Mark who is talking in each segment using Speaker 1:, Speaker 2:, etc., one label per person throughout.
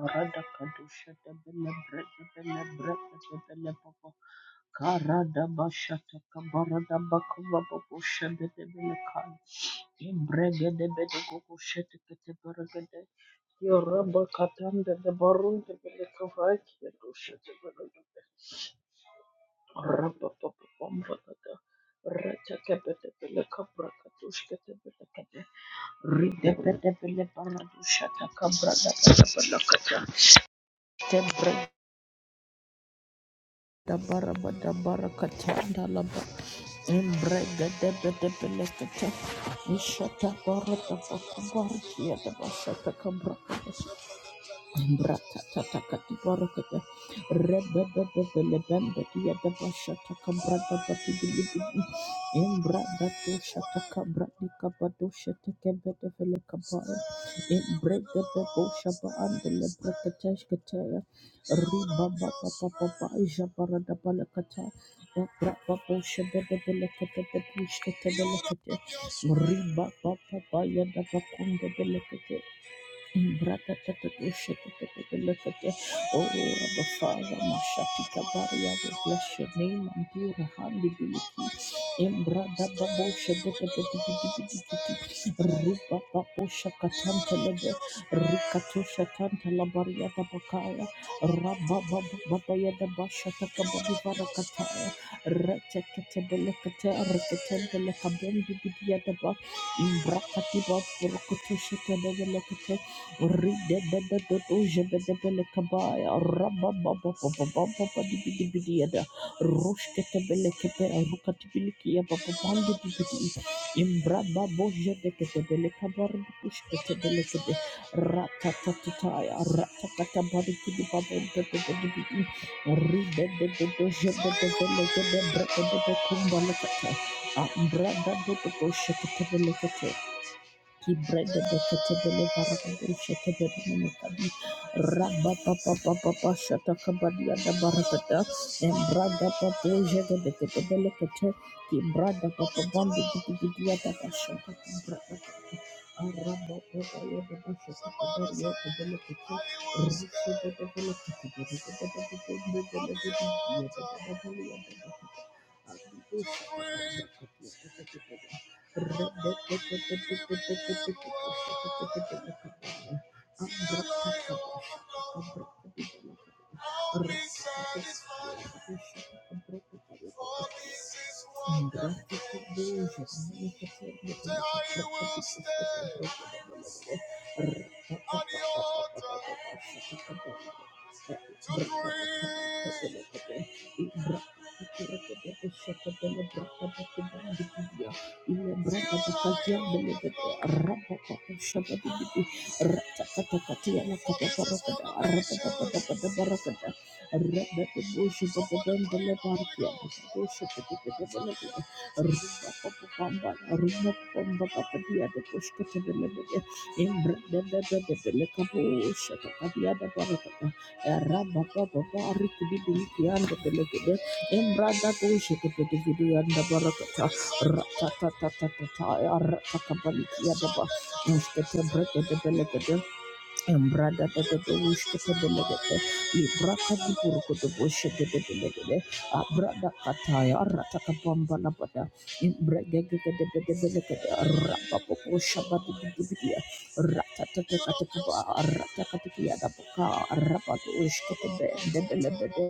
Speaker 1: Karada kadoshata bele brete bele brete bele popo. Karada bashata kabarada bakova popo shede de bele kai. Imbrege de bede koko shete kete brege de Yoraba katanda de barunde bele kavai kide doshete bele de. bele Raba popo pomba kata. Rata kebete bele kabra katush kete bele kete. Ride bede bele baradu shata kabra da bele bele kata. Da baraba da Dabaraba dabarakata dalaba embrega debe debe lekata ishata barata fakubarishia dabasata kabra. Embrada ta ta ta ta ti bara kete red da da da da lebenda ti ada basha ta kambra da bati bili bili. Embrada dosha ta kambra ni kaba dosha ta kebe dele kaba. Embrada boshaba andele brakataj kaje. Riba pa pa pa pa pa ishara da bala kete. Embrada boshaba dele kete de boshaba dele kete. Riba pa pa pa pa ya da vakunda dele kete. Bra-ta-ta-ta-ta-sha-ta-ta-ta-ta-la-ta-ta. Oh, Abba Father, Mashatika Baria, we bless your name and do the handibility. Embrada Babo Shadabiti, Rupa Papo Shakatanta Lebe, Rikato Shatanta Labaria Tabakaya, Rabba Baba Yada Bashataka Babi Barakataya, Rekatabelekata, Rekatabelekabendi Bidiadaba, Imbrakatiba, Rokotushita Rida Ambra da do to shake the he bread the decatable barabado shetabedi rabba papa papa shata kabadia da barabada and brada papa jaga de ketabele kete ki brada papa bambi gidigidia da bashata brada rabba papa ya da bashata kabadia da bele kete risi de de bele kete de de de de de de de de de de de de de de de de de Thank you. Rabba Baba Barik Bibi Kian the Belegade Embrada Dosha Kipidi and the Barakata Ratatatataya Ratakabalikia Daba Muskete Bretta de Embrada da da da wish to for the legate, Libraka di Burgo the bush de de de legate, Abrada Kataya, Rataka Bamba Labada, Imbrega de de de de legate, Rapapo Shabbat de Divia, Ratatakataka, Ratakatia da Boka, Rapatush Katabe, de Belebede,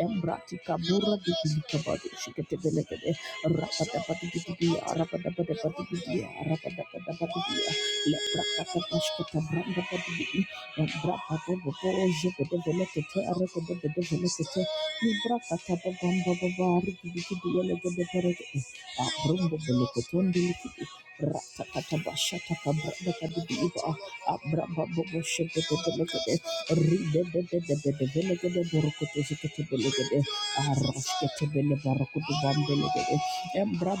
Speaker 1: Embratica Bura di Kabadu, Shikate Legate, Rapatapati, Rapadapatapati, Rapadapatapati. Embra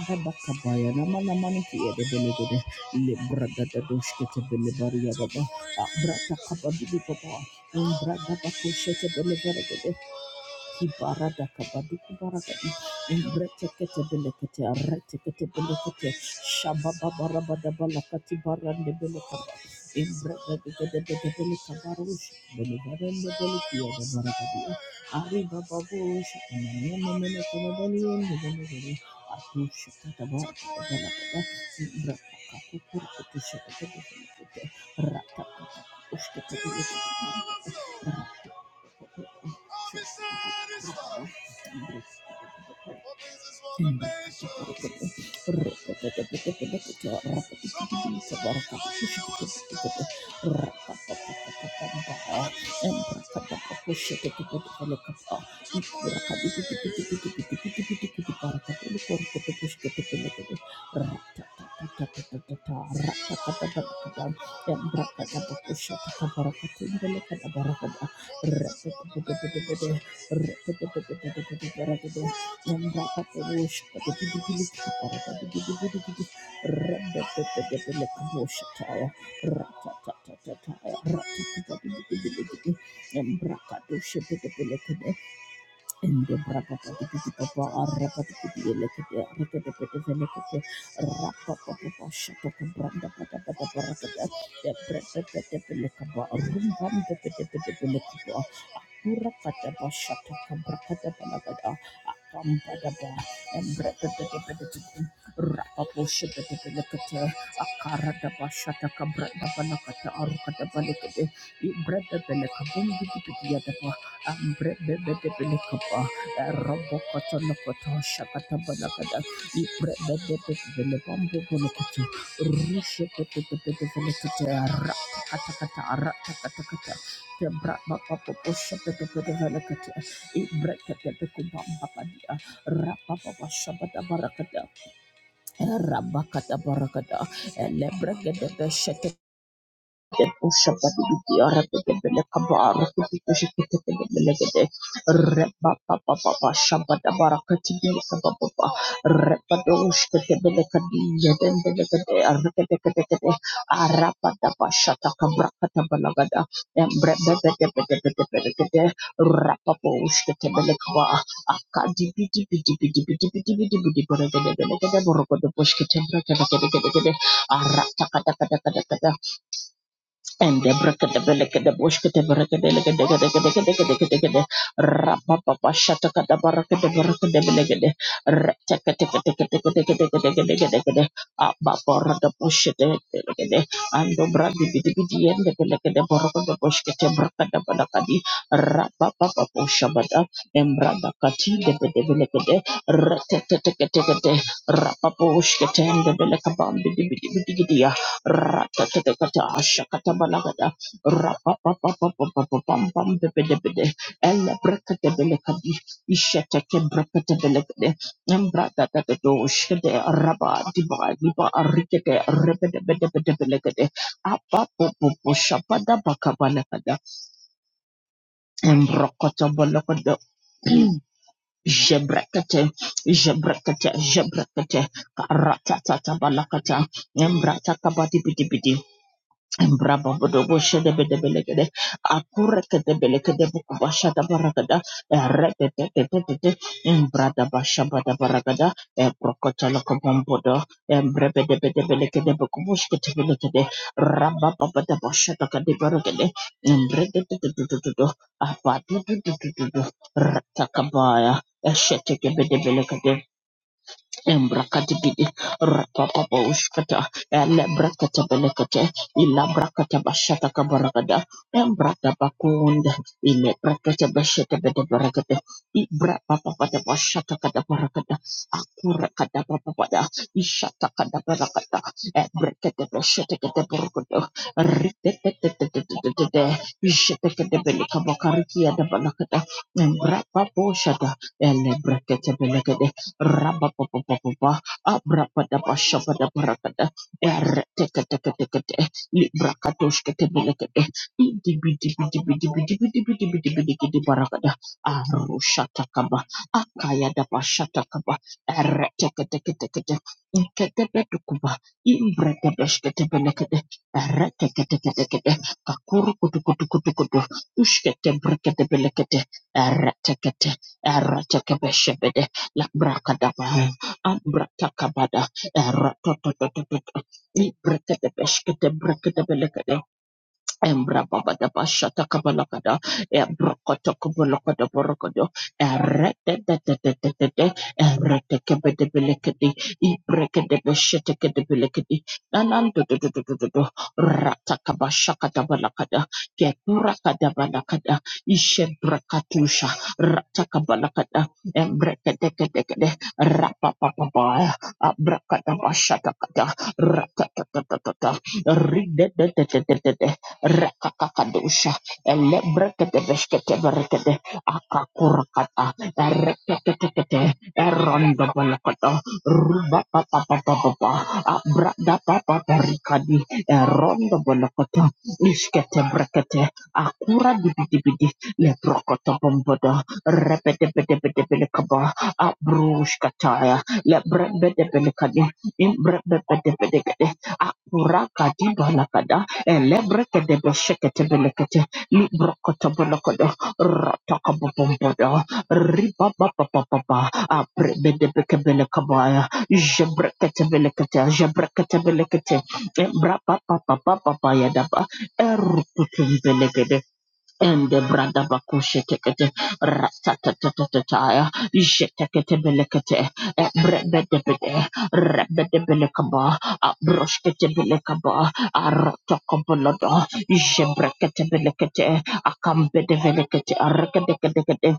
Speaker 1: baba kabaya na mana mani ki ede belegede Librada da doshkete belevaria baba. Abrata kapa bidi baba. Imbrada bako shete belevaria baba kibarada kabaduku baragadi imbretekete belekete aretekete belekete shababa barabada balakati barande belekaba imbretekete belekete barush belegarende belekia da baragadi ari baba bush ananene menekene beliyende belegere atush kataba belakada imbretekete kukurkutu şekete belekete rata kata kukuş kete belekete for Embrakadoshepetepelekede Rapper, Ambrebebebebelekapa, Rabokotolokoto, Shakatabalakada, Ibrebebebebelebambobolokoto, Rushebebebebelekete, Ratakatakata, Ratakatakata, Tebrabapapopushabebebebelekete, Ibrekebebekubambabadia, Rapapapashabatabarakada, Rabakatabarakada, Rapper, and the brakadabalaka the boshka the brakadabalaka the gadagadagadagadagadagada rapapapa shataka the baraka the baraka the belegade retaka teka teka teka teka teka teka teka teka abapora the bush the belegade and the bradi bidi bidi and the belegade the baraka the boshka the braka the balaka di shabada embrada kati the belegade retaka teka teka teka rapaposhka the belegade bam bidi Ratatatakata, shakatabalagada, rapapapapapapapam, bebedebede, elebrekatebelekadi, ishetekebrekatebelekede, embratatatatado, shede, raba, diba, liba, arikete, rebedebedebedebelekede, apapopopo, shapadabakabalakada, embrokotobolokode, Jebrekete, Jebrekete, Jebrekete, Ratata Balakata, Embrata Kabati Piti Piti, Brababodoboche de, Bedebelegade, Akureke de Belegade Bukubasha da Baragada, Repetete, Embrada Bashaba da Baragada, Procotalocobodo, Embrebe de akureke de akurekedebelekedebukubashadabaragada, erebebebebebebe, embradabashabadabaragada, ebrokotolokobombodo, embrebedebedebelekedebukubushketebelekede, rabababadabashadakadibaragade, embredededededodo, abadudududududu, ratakabaya, eshetekebedebelekede, Embrakatibidi rapapa ushkata ele brakata belekate ila brakata bashata kabaragada embrata bakunda ile brakata bashata bede barakate ibra papa Embrakadigidi, rapapaposhkata, elebrakatabalekate, ilabrakatabaratakabaragada, embradabakunda, ilebrakatabasatabadabaragada, ibrapapapatabashatakadabaragada, akurakadapapapada, ishatakadabaragada, ebrakatabasatakadabaragada, ripetetetetetetete, ishatakadabelekabakarikiadabalakada, embrapaposhata, elebrakatabalekade, Rabababababababah, abrabababashabababah, erreteketeketekete, libra kadoshketeketekete, idibidibidibidibidibidibidibidibidibara kadah, arushata kabah, akayadabashata kabah, erreteketeketeketekete, inketebedukuba, imbra kadoshketeketekete, erreteketeketeketekete, kaku kudu kudu kudu kudu, ushketeketeketekete, erretekete, erretekeshabede. Labrakadaba, Ambratakabada, Eratotototot, Librakadabeshkete, Embra basha basha ta kabalakada. Embra koto kabalakada borokodo, de de de de de de de, de, de, kebe ibreke de beshete kede belekedi. nanando do do do do do do rata rata kabasha kada balakada. Ketura kada, balakada. Ishe brakatusha. Rata kabalakada. Embreke de kede kede. rapa Embrabagadabashatakabalakada, Embrokotokobolokadaborokodo, ta kada. Rata ta ta ta, Ratakabashakatabalakada, Keturakadabalakada, de de de de de de rakakakadosha elebrekedebesketeberekede akakurakata ereketekete erondobalakata rubapapapapapa abradapapaparikadi erondobalakata isketebrekete akura dibidibidi lebrokotobombodo repetepetepetepelekaba abrushkataya lebrebedebelekadi imbrebebedebedekede akurakadibalakada Elebreke de Boshekete Belekete, Librokota Bolokodo, Rotoko Bombodo, Ribaba Papa, Aprebe de Bekebelekabaya, Jebrekete Belekete, Jebrekete Belekete, Brapa Papa Papa Yadaba, Erukutum belekete and the brada bakushe tekete ratatatataya jetekete belekete brebedebede rebedebelekaba abroshkete belekaba arotokobolodo jebrekete belekete akambede belekete arrekedekede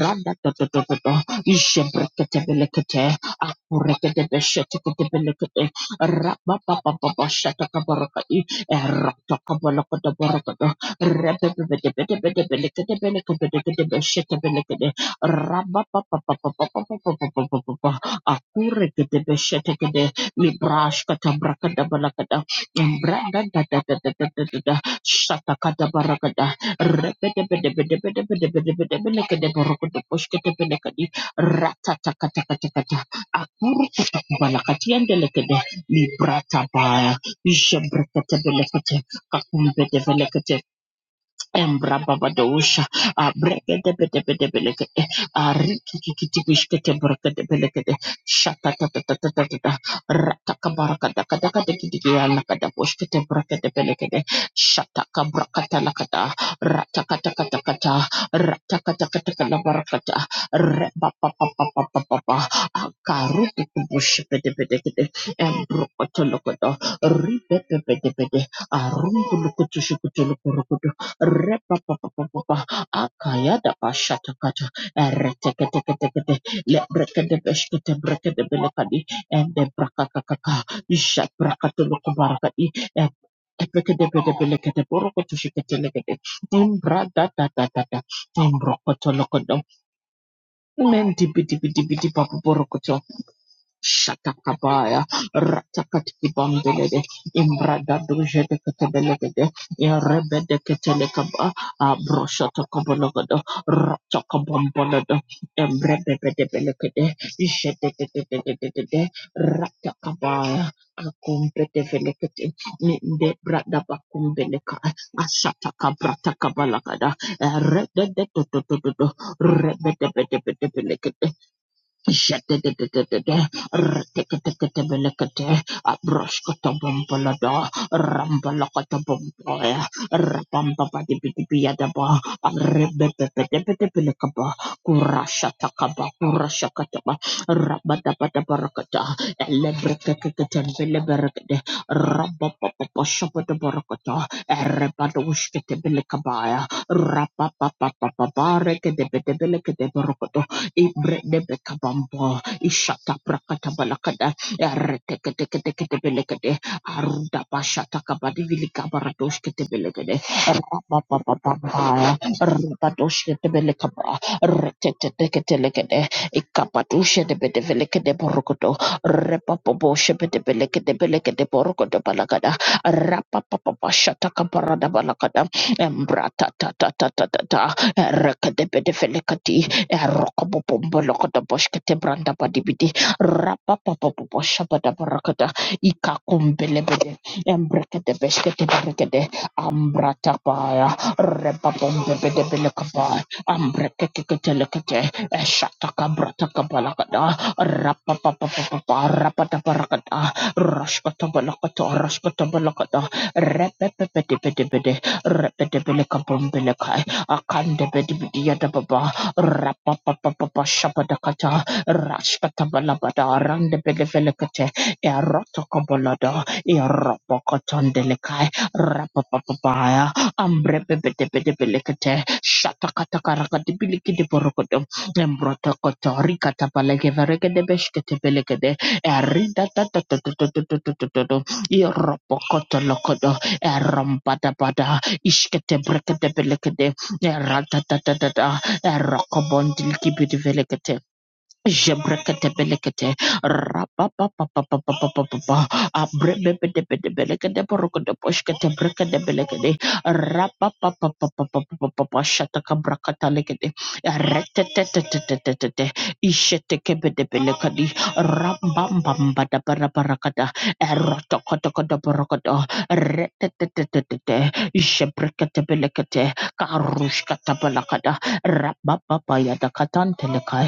Speaker 1: radatotototo jebrekete belekete akurekete beshetekete belekete rababababashatakabarokai erotokobolokodoboroko Rabba Kakumbe develekete Embrababadosha, uh, brekedepedepedepeleke, eh, uh, rikikikitikishkete brekedepelekete, shatatatatatatatata, ratakabarakadakadakadikidikialakadaboshkete brekedepelekete, shatakabrakatatakata, ratakatakatakata, ratakatakatakalabarakata, repapapapapapapa, akarutukubushketepedekete, embrokotolokoto, ripepepedepede, arungulukutushikutulokurukutu, Repapapapapa. Akayada bashatakata. Ereteketeketekete. Lebrekedebeshketebrekedebelekadi. Endebrakakakaka. Jabrakatolokobarakadi. Eh, epekedebedebelekedeborokotoshiketelekede. Imbradadadadada. Imbrokotolokodo. Mendibidibidibidibaboborokoto. Shatakabaya, Ratakati Bambelede, Imbrada Duje de Catabelegade, Erebe de Catelecaba, Abroshatakabalogado, Ratakabambalado, Embrebe de Belecade, Ishede, Ratakabaya, Akumbe de Velecate, Ninde Brada Bakumbeleca, Ashatakabrata Kabalagada, Rebe de Toto, Rebe de Belecade, Shadadadadada, rrrtikatikatabelakata, abroshkotabombalada, rambalakatabombaya, rabambabadibidibiyadaba, arrebebebedebedebelekaba, kurashatakaba, kurashakataba, rabadabadabarakata, elebrekekeketembeleberekede, rababababashabadabarakata, erebadoshketebelekabaya, rabababababarekedebedebelekedebarakata, Ibredebekabambo, Ishata Prakatabalakada, Erteketeketeketebelegede, Aruda Bashata Kabadivilikabaratosketebelegede, Rapapapapapaya, Rapadoshketebelekaba, Reteteteketelegede, Ikapatushedebedevelekede Borokoto, Repapoboshebedebelegede Borokoto Balagada, Rapapapapashata Kabarada Balakada, Embrata Tata Tata Tata, Rekadebedevelekati, Erokobobombolokodoboshketebradabadibidi. Rapapapapaposhabadabarakada. Ikakumbelebede. Embrekedebeshketeberekede. Ambratapaya. Rebabombebedebelekaba. Ambrekekeketelekete. Eshatakabratakabalakada. Rapapapapapa. Rapatabarakada. Rashkatabalakata. Rashkatabalakada. Repepepedebedebede. Repedebelekabombe lekai akande bedi bidi yada baba Rapapapapa Shapadakata Rashkatabalabada Randebedevelekate Erotokobolada Eropokotondelekai Rapapapapaya Ambrebebedebedebelekate Shatakatakarakadibilikidiborokotong embrotokotorikatabalegevrekedebeshketebelekede eridatatatatatatatatatatatato iropokotolokodo erombadabada ishketebrekedebelekede eratatatata Rakobondil kibidivelekate. Jebrekatebelekete, rapapapapapapapapapa, abrebebedebedebelekete, porokodoposhketebrekatebelekete, rapapapapapapapapa, shatakabrakatalekete, retetetetetetetete, ishetekebedebelekadi, rambambambadabarakarakata, erotokotokodoborokodo, retetetetetete, jebrekatebelekete, karushkatabalakada, rapapapayadakatantelekai,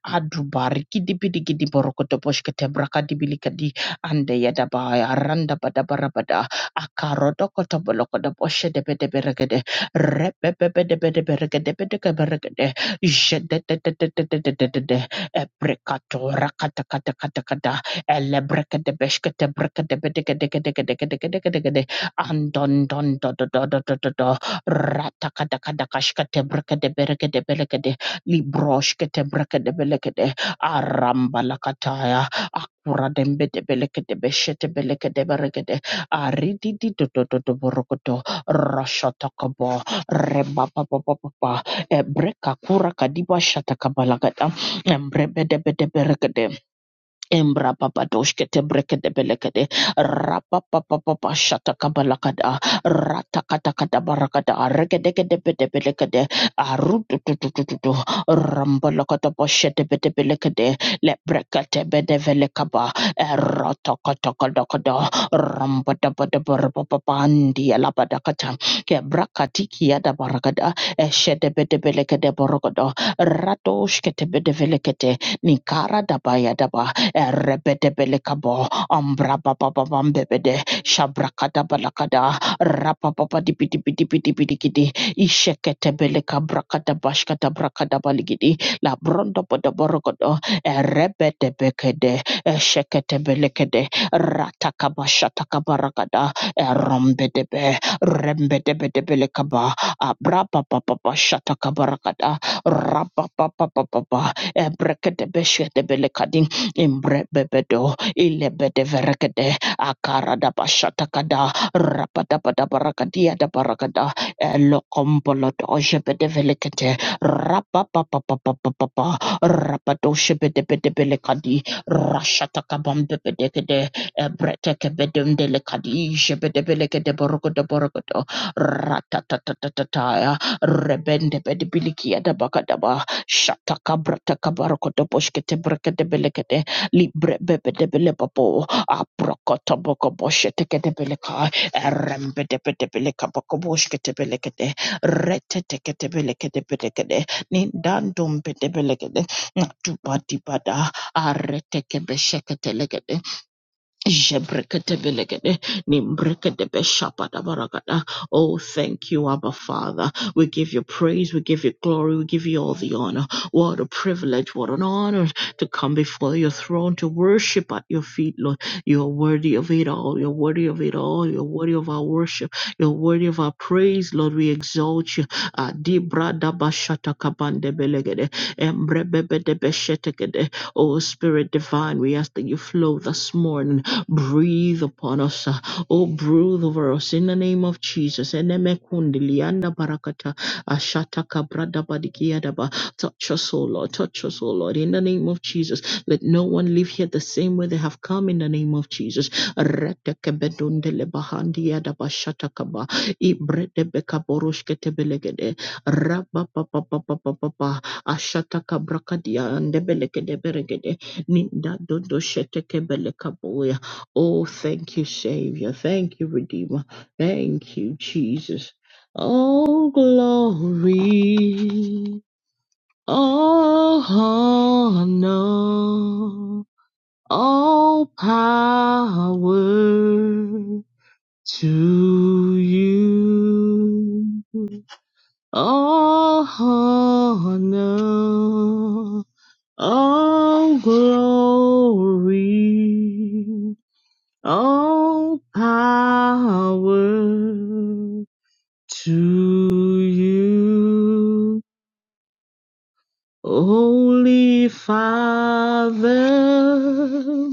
Speaker 1: adubariki dibidi gidi borokoto boshkete brakadibilikadi ande yadaba aranda badabarabada akarodokoto bolokodo boshe de bede beregede rebebebede beregede bedeke beregede jedededededededede ebrekato rakatakatakatakada elebrekede beshkete brekede bedegedegedegedegedegedegede andondondodododododod ratakadakadakashkete brekede beregede belegede libroshkete brekete belekete aramba lakataya akura dembe de belekete beshete belekete berekete aridi di do do do do borokoto rashata kabo reba pa pa pa pa pa ebreka kura kadiba shata kabalagata embrebe de Embra papadoshke tebreke de belekede. Rapa papa papadoshkete brekete belekete. rata kata Ratakatakata barakada. Regedegede bede belekede. Arutututututu. Rambalakata bashete bede belekede. Lebrekete bede velekaba. Erotokotokodokado. Rambadabadabarapapapandi alabadakata. Kebrakatiki yadabarakada. Eshete bede belekede borokodo. Radoshkete bede velekete. Nikara dabaya daba Erebede belekabo. Ambra baba baba mbebede. Shabrakada balakada, Rapa baba dipi dipi dipi dipi dikidi. Ishekete belekabrakada bashkata brakada baligidi, la Erepetepelekabo, Ambrapapapambebede, Shabrakatabalakada, Rapapapadipidipidipidipidigidi, Isheketebelekabrakadabashkatabrakadabaligidi, Labrondopodoborogodo, Erepetepekede, Esheketebelekede, Ratakabashatakabarakada, Erombedebe, Rembedebedebelekaba, Abrapapapapashatakabarakada, Rapapapapapa, Ebreketebeshketebelekadi, imbrebebedo ilebedeverekede akaradabasatakada rapadabadabarakadia dabarakada elokombolodojebedevelekete rapapapapapapapa rapadoshebedebedebelekadi rashatakabambebedekede ebretekebedemdelekadi jebedebelegedeborogodoborogodo ratatatataya rebendebedebilikiadabakadaba shatakabratakabarokodoboshketebrekedebelekede libre bebe de belepopo aprokoto boko boshe teke de beleka erembe de bede beleka boko boshke te beleke rete teke de beleke de beleke de nindandum bede beleke de natuba dibada arete ke besheke Jebreketebelegede, nimbrekedebeshapadabaragada. Oh, thank you, Abba Father. We give you praise, we give you glory, we give you all the honor. What a privilege, what an honor to come before your throne to worship at your feet, Lord. You are worthy of it all. You're worthy of it all. You're worthy of our worship. You're worthy of our praise, Lord. We exalt you. Adibradabashatakabandebelegede, embrebebedebeshetekede. Oh, Spirit divine, we ask that you flow this morning. Breathe upon us. uh, Oh, breathe over us in the name of Jesus. Enemakundi lianda barakata, ashataka brada badikiadaba. Touch us, O Lord. Touch us, O Lord. In the name of Jesus. Let no one leave here the same way they have come in the name of Jesus. Retekebedundele bahandiadaba shatakaba. Ibredebekaboroshketebelegede. Rabapapapapapapa. Ashataka brakadia and debelegede beregede. Ninda dodo sheteke Oh, thank you, Savior. Thank you, Redeemer. Thank you, Jesus. Oh, glory. All honor. All power to you. All honor. All glory. All power to you, Holy Father.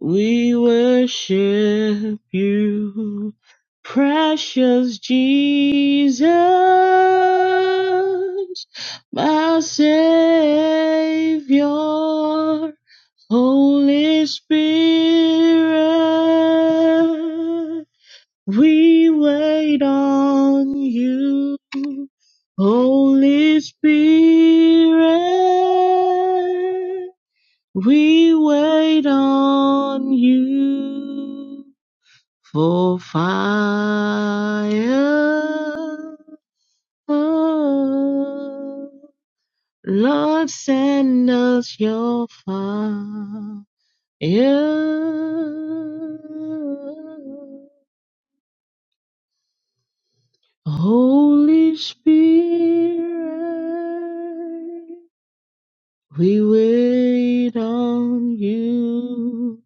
Speaker 1: We worship you, precious Jesus, my Savior, Holy Spirit. We wait on you, Holy Spirit. We wait on you for fire. Lord, send us your fire. Holy Spirit, we wait on you.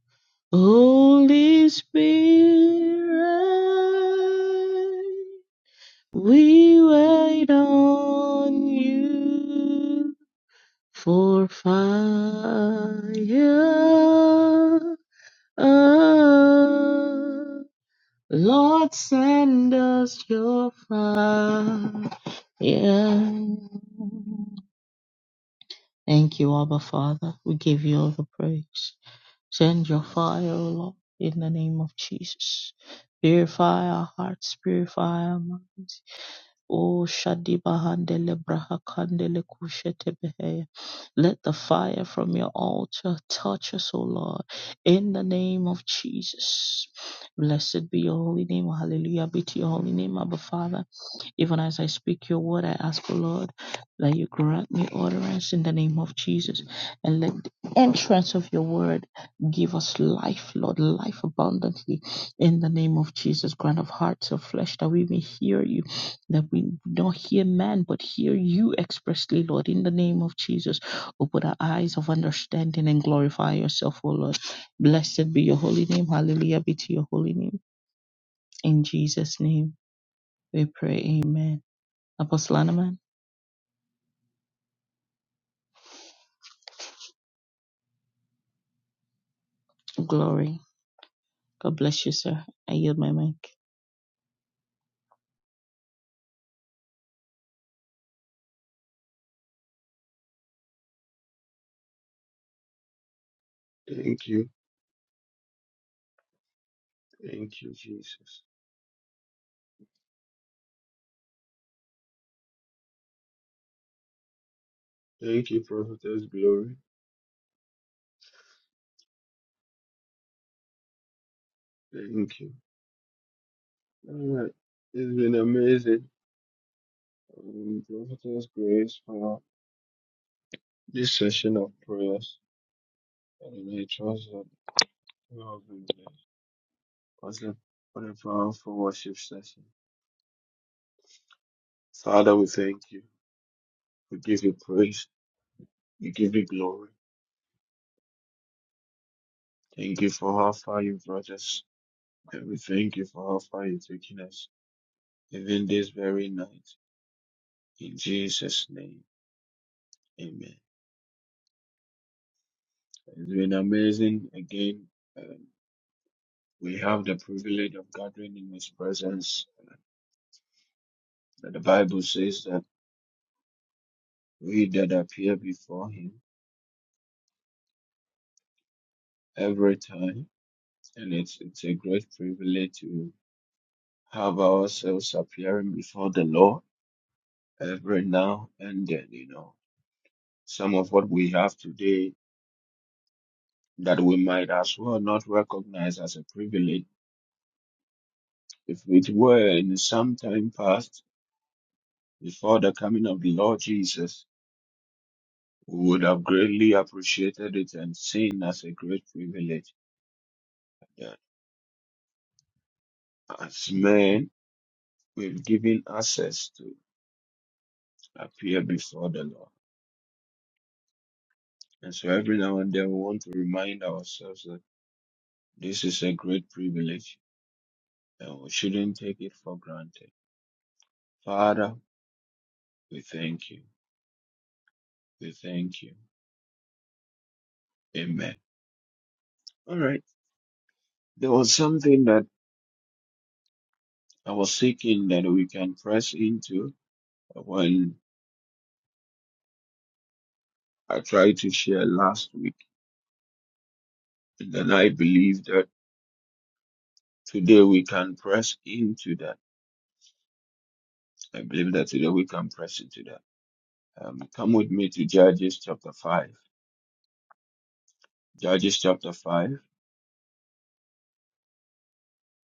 Speaker 1: Holy Spirit, we wait on you for fire. Lord, send us your fire. Yeah. Thank you, Abba Father. We give you all the praise. Send your fire, O Lord, in the name of Jesus. Purify our hearts, purify our minds. Oh, Bahandele, Brahakandele Kushete Behe. Let the fire from your altar touch us, O Lord, in the name of Jesus. Blessed be your holy name. Hallelujah be to your holy name, Abba Father. Even as I speak your word, I ask, O Lord, that you grant me utterance in the name of Jesus. And let the entrance of your word give us life, Lord, life abundantly in the name of Jesus. Grant of hearts of flesh that we may hear you, that we don't hear man, but hear you expressly, Lord, in the name of Jesus. Open our eyes of understanding and glorify yourself, O Lord. Blessed be your holy name. Hallelujah be to your holy name. In Jesus' name we pray. Amen. Apostle Animan, glory. God bless you, sir. I yield my mic.
Speaker 2: Thank you. Thank you, Jesus. Thank you, Prophetess Glory. Thank you. All right. It's been amazing. Um, Prophetess Grace for this session of prayers. And I trust that you have been blessed. Pastor, what a powerful worship session. Father, we thank you. We give you praise. We give you glory. Thank you for how far you brought us. And we thank you for how far you've taken us, even this very night. In Jesus' name, amen. It's been amazing. Again, um, we have the privilege of gathering in His presence. Uh, The Bible says that we that appear before Him every time, and it's it's a great privilege to have ourselves appearing before the Lord every now and then. You know, some of what we have today that we might as well not recognize as a privilege. If it were in some time past, before the coming of the Lord Jesus, We would have greatly appreciated it and seen as a great privilege that as men we've given access to appear before the Lord. And so every now and then we want to remind ourselves that this is a great privilege and we shouldn't take it for granted. Father, we thank you. We thank you. Amen. All right. There was something that I was seeking that we can press into when I tried to share last week. And then I believe that Today we can press into that. I believe that today we can press into that. Um, come with me to Judges chapter 5. Judges chapter 5.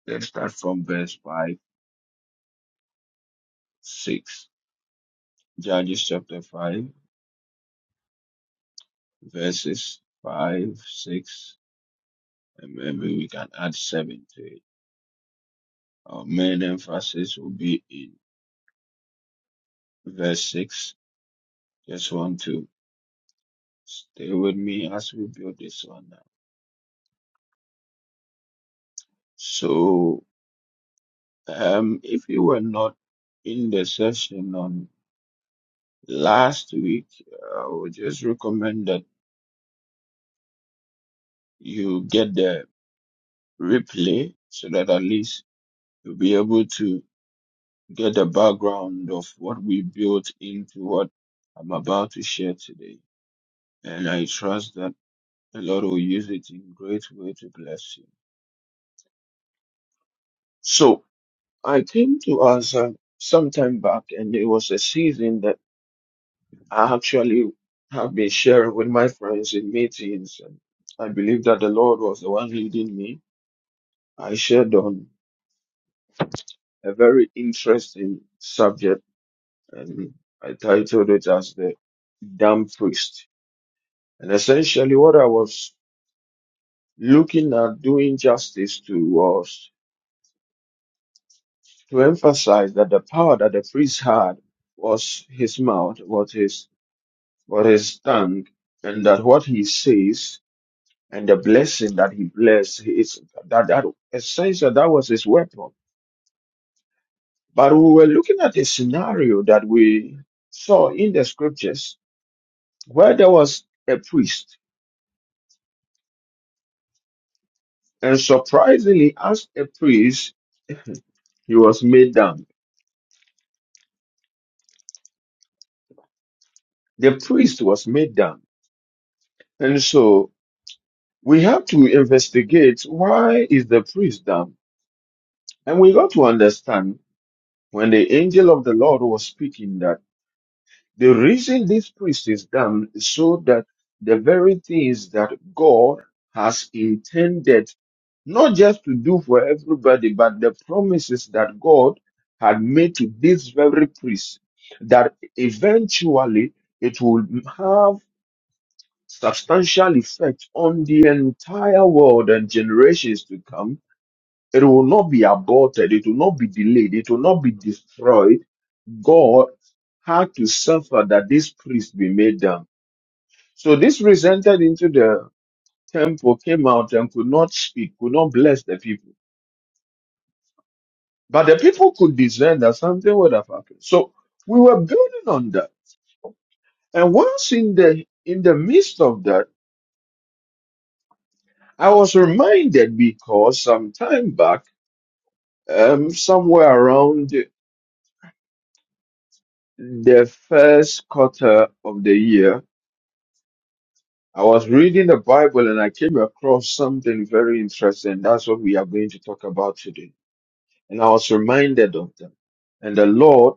Speaker 2: Let's start from verse 5, 6. Judges chapter 5, verses 5, 6, and maybe we can add 7 to it. Our main emphasis will be in verse 6. Just want to stay with me as we build this one now. So, um, if you were not in the session on Last week, I would just recommend that you get the replay so that at least you'll be able to get the background of what we built into what I'm about to share today. And I trust that the Lord will use it in great way to bless you. So I came to answer some time back and it was a season that I actually have been sharing with my friends in meetings. And I believe that the Lord was the one leading me I shared on a very interesting subject and I titled it as the Dumb Priest. And essentially what I was looking at doing justice to was to emphasize that the power that the priest had was his mouth, was his, was his tongue, and that what he says and the blessing that he blessed is that, that essentially that was his weapon. But we were looking at a scenario that we saw in the scriptures where there was a priest. And surprisingly, as a priest, he was made dumb. The priest was made dumb. And so we have to investigate why is the priest dumb? And we got to understand when the angel of the Lord was speaking that. The reason this priest is done is so that the very things that God has intended not just to do for everybody, but the promises that God had made to this very priest, that eventually it will have substantial effect on the entire world and generations to come. It will not be aborted. It will not be delayed. It will not be destroyed God had to suffer that this priest be made dumb. So this priest entered into the temple, came out and could not speak, could not bless the people. But the people could discern that something would have happened. So we were building on that. And once in the in the midst of that, I was reminded because some time back, um, somewhere around the first quarter of the year, I was reading the Bible and I came across something very interesting. That's what we are going to talk about today. And I was reminded of them. And the Lord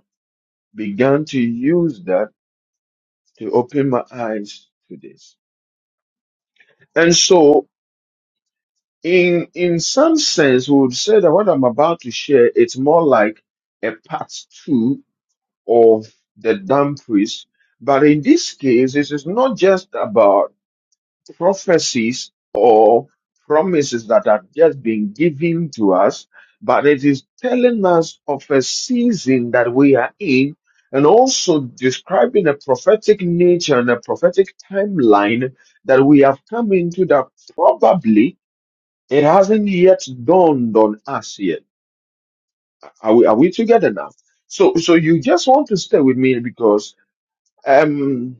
Speaker 2: began to use that to open my eyes to this. And so in, in some sense, we would say that what I'm about to share, it's more like a part two of the dumb priest. But in this case, this is not just about prophecies or promises that are just being given to us, but it is telling us of a season that we are in and also describing a prophetic nature and a prophetic timeline that we have come into that probably it hasn't yet dawned on us yet. Are we, are we together now? So, so you just want to stay with me because, um,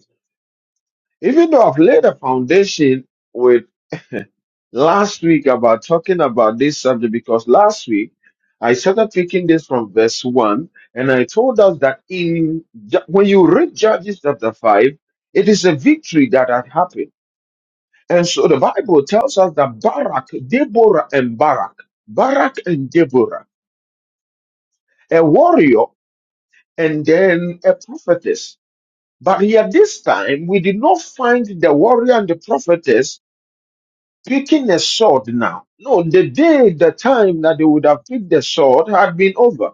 Speaker 2: even though I've laid a foundation with. last week about talking about this subject because last week I started picking this from verse 1 and I told us that in Ju- when you read Judges chapter 5 it is a victory that had happened and so the Bible tells us that Barak Deborah and Barak Barak and Deborah a warrior and then a prophetess but here this time we did not find the warrior and the prophetess picking a sword now. No, the day, the time that they would have picked the sword had been over.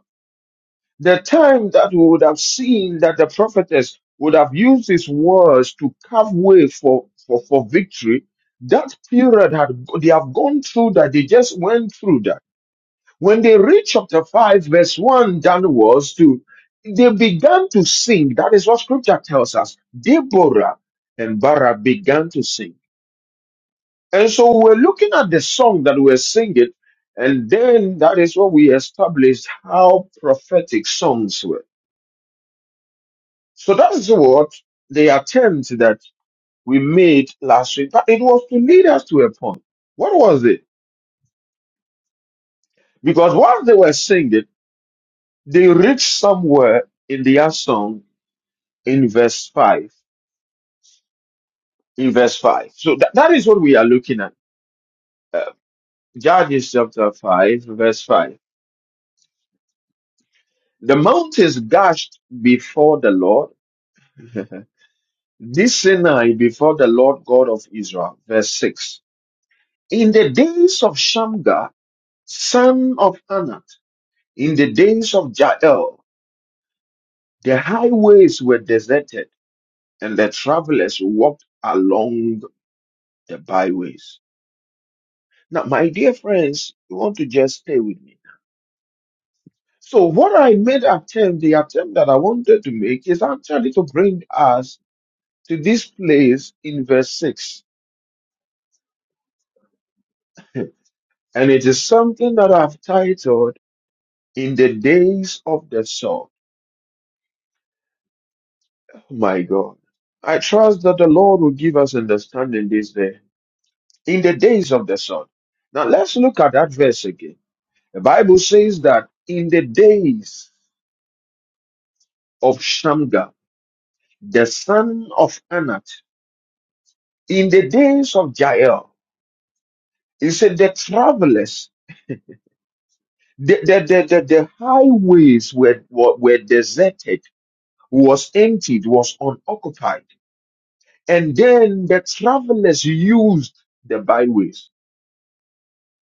Speaker 2: The time that we would have seen that the prophetess would have used his words to carve way for, for, for victory, that period had they have gone through that, they just went through that. When they reached chapter 5, verse 1 downwards to they began to sing. That is what scripture tells us. Deborah and Barah began to sing. And so we're looking at the song that we're singing, and then that is what we established how prophetic songs were. So that is what the attempt that we made last week, but it was to lead us to a point. What was it? Because while they were singing, they reached somewhere in their song in verse 5. In verse 5. So that, that is what we are looking at. Uh, Judges chapter 5, verse 5. The mountains gushed before the Lord This Sinai before the Lord God of Israel. Verse 6. In the days of Shamgar, son of Anath, in the days of Jael, the highways were deserted and the travelers walked along the byways. Now, my dear friends, you want to just stay with me. So what I made attempt, the attempt that I wanted to make is actually to bring us to this place in verse 6. And it is something that I've titled in the days of the sword. Oh My God, I trust that the Lord will give us understanding this day. In the days of the sword. Now let's look at that verse again. The Bible says that in the days of Shamgar, the son of Anat, in the days of Jael, it said the travelers, the, the, the, the, the highways were, were, were deserted, was emptied, was unoccupied. And then the travelers used the byways.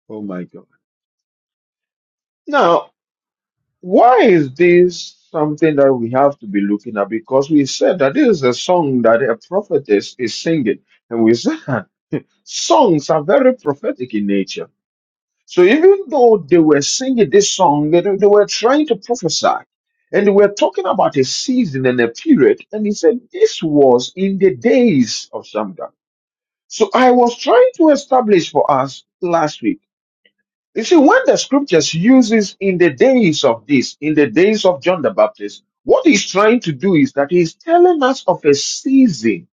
Speaker 2: Oh my God. Now, why is this something that we have to be looking at? Because we said that this is a song that a prophetess is singing. And we said that songs are very prophetic in nature. So even though they were singing this song, they, they were trying to prophesy. And they were talking about a season and a period. And he said this was in the days of Shamgar. So I was trying to establish for us last week. You see, when the scriptures uses in the days of this, in the days of John the Baptist, what he's trying to do is that he's telling us of a season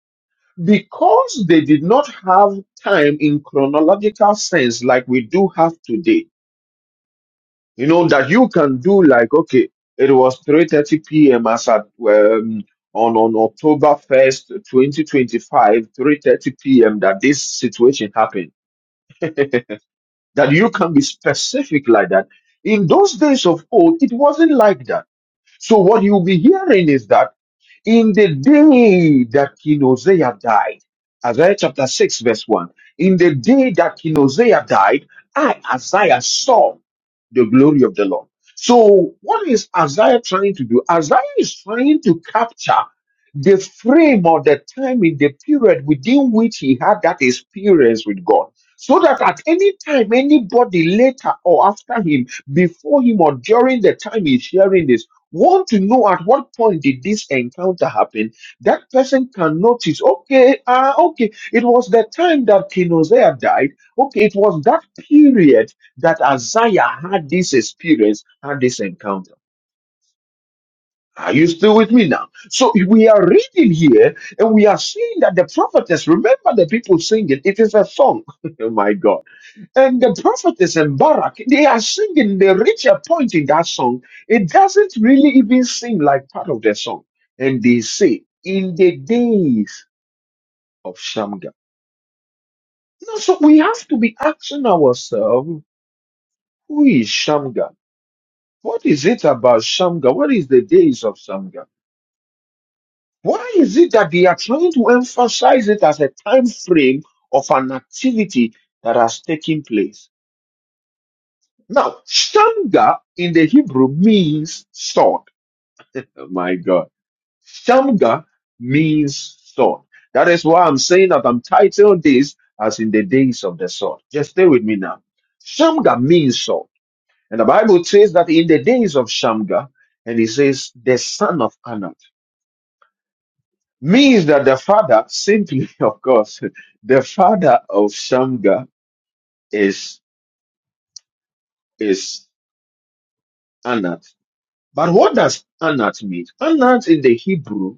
Speaker 2: because they did not have time in chronological sense like we do have today. You know that you can do like okay, it was 3:30 p.m. as at um, on on October 1st, 2025, 3:30 p.m. that this situation happened. that you can be specific like that. In those days of old, it wasn't like that. So what you'll be hearing is that in the day that King Uzziah died, Isaiah chapter 6, verse 1. In the day that King Uzziah died, I, Isaiah, saw the glory of the Lord. So, what is Isaiah trying to do? Isaiah is trying to capture the frame or the time in the period within which he had that experience with God. So that at any time, anybody later or after him, before him, or during the time he's sharing this want to know at what point did this encounter happen, that person can notice, okay, ah, okay, it was the time that King Uzziah died. Okay, it was that period that Isaiah had this experience, had this encounter. Are you still with me now? So we are reading here and we are seeing that the prophetess, remember the people singing, it is a song. oh my God and the prophetess and Barak, they are singing the richer point in that song. It doesn't really even seem like part of their song. And they say, in the days of Shamgar. No, so we have to be asking ourselves, who is Shamgar? What is it about Shamgar? What is the days of Shamgar? Why is it that they are trying to emphasize it as a time frame of an activity that has taken place? Now, Shamgar in the Hebrew means sword. Oh my God. Shamga means sword. That is why I'm saying that I'm titled this as in the days of the sword. Just stay with me now. Shamga means sword. And the Bible says that in the days of Shamga, and it says the son of Anak. Means that the father, simply of course, the father of Shamga is is Anat. But what does Anat mean? Anat in the Hebrew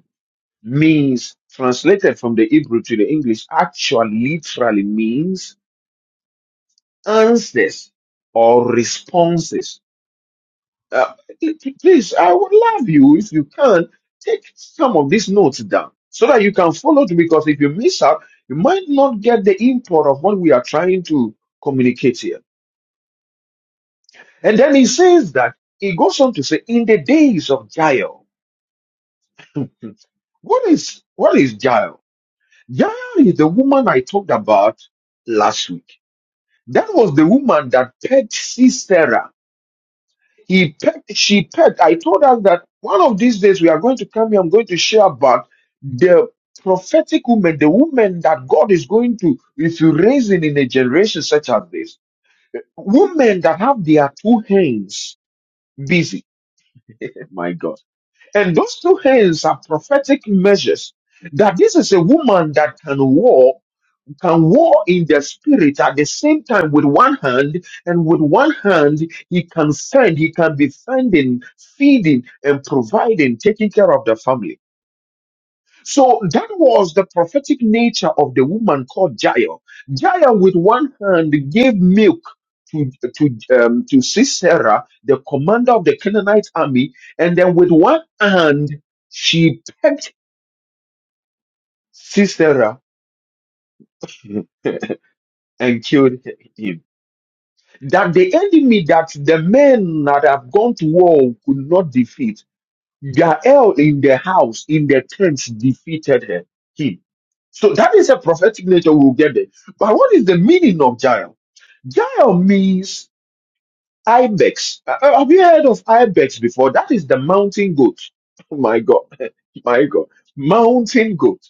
Speaker 2: means translated from the Hebrew to the English actually literally means answers or responses. Uh, p- p- please, I would love you if you can take some of these notes down so that you can follow it because if you miss out, you might not get the import of what we are trying to communicate here. And then he says that he goes on to say, in the days of Jael, what is what is Jael? Jael is the woman I talked about last week. That was the woman that pegged Sisera. He pegged, she pegged. I told us that one of these days we are going to come here. I'm going to share about the prophetic woman, the woman that God is going to, if you raise it in a generation such as this, women that have their two hands busy. My God. And those two hands are prophetic measures that this is a woman that can war can war in the spirit at the same time with one hand, and with one hand, he can send, he can be sending, feeding, and providing, taking care of the family. So that was the prophetic nature of the woman called Jael. Jael, with one hand, gave milk. To, to, um, to Sisera, the commander of the Canaanite army, and then with one hand, she pecked Sisera and killed him. that the enemy that the men that have gone to war could not defeat, Jael in the house, in the tents, defeated her, him. So that is a prophetic nature we'll get there. But what is the meaning of Jael? Jael means ibex. Uh, uh, Have you heard of ibex before? That is the mountain goat. Oh my God. my God. Mountain goat.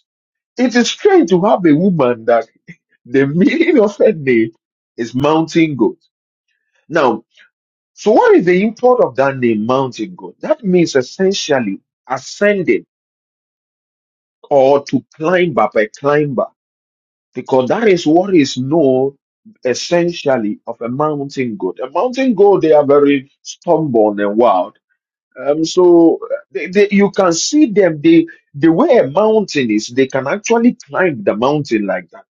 Speaker 2: It is strange to have a woman that the meaning of her name is mountain goat. Now. So what is the import of that name, mountain goat? That means essentially ascending or to climb up a climber, because that is what is known essentially of a mountain goat. A mountain goat, they are very stubborn and wild. Um, so uh, they, they, you can see them, they, the way a mountain is, they can actually climb the mountain like that.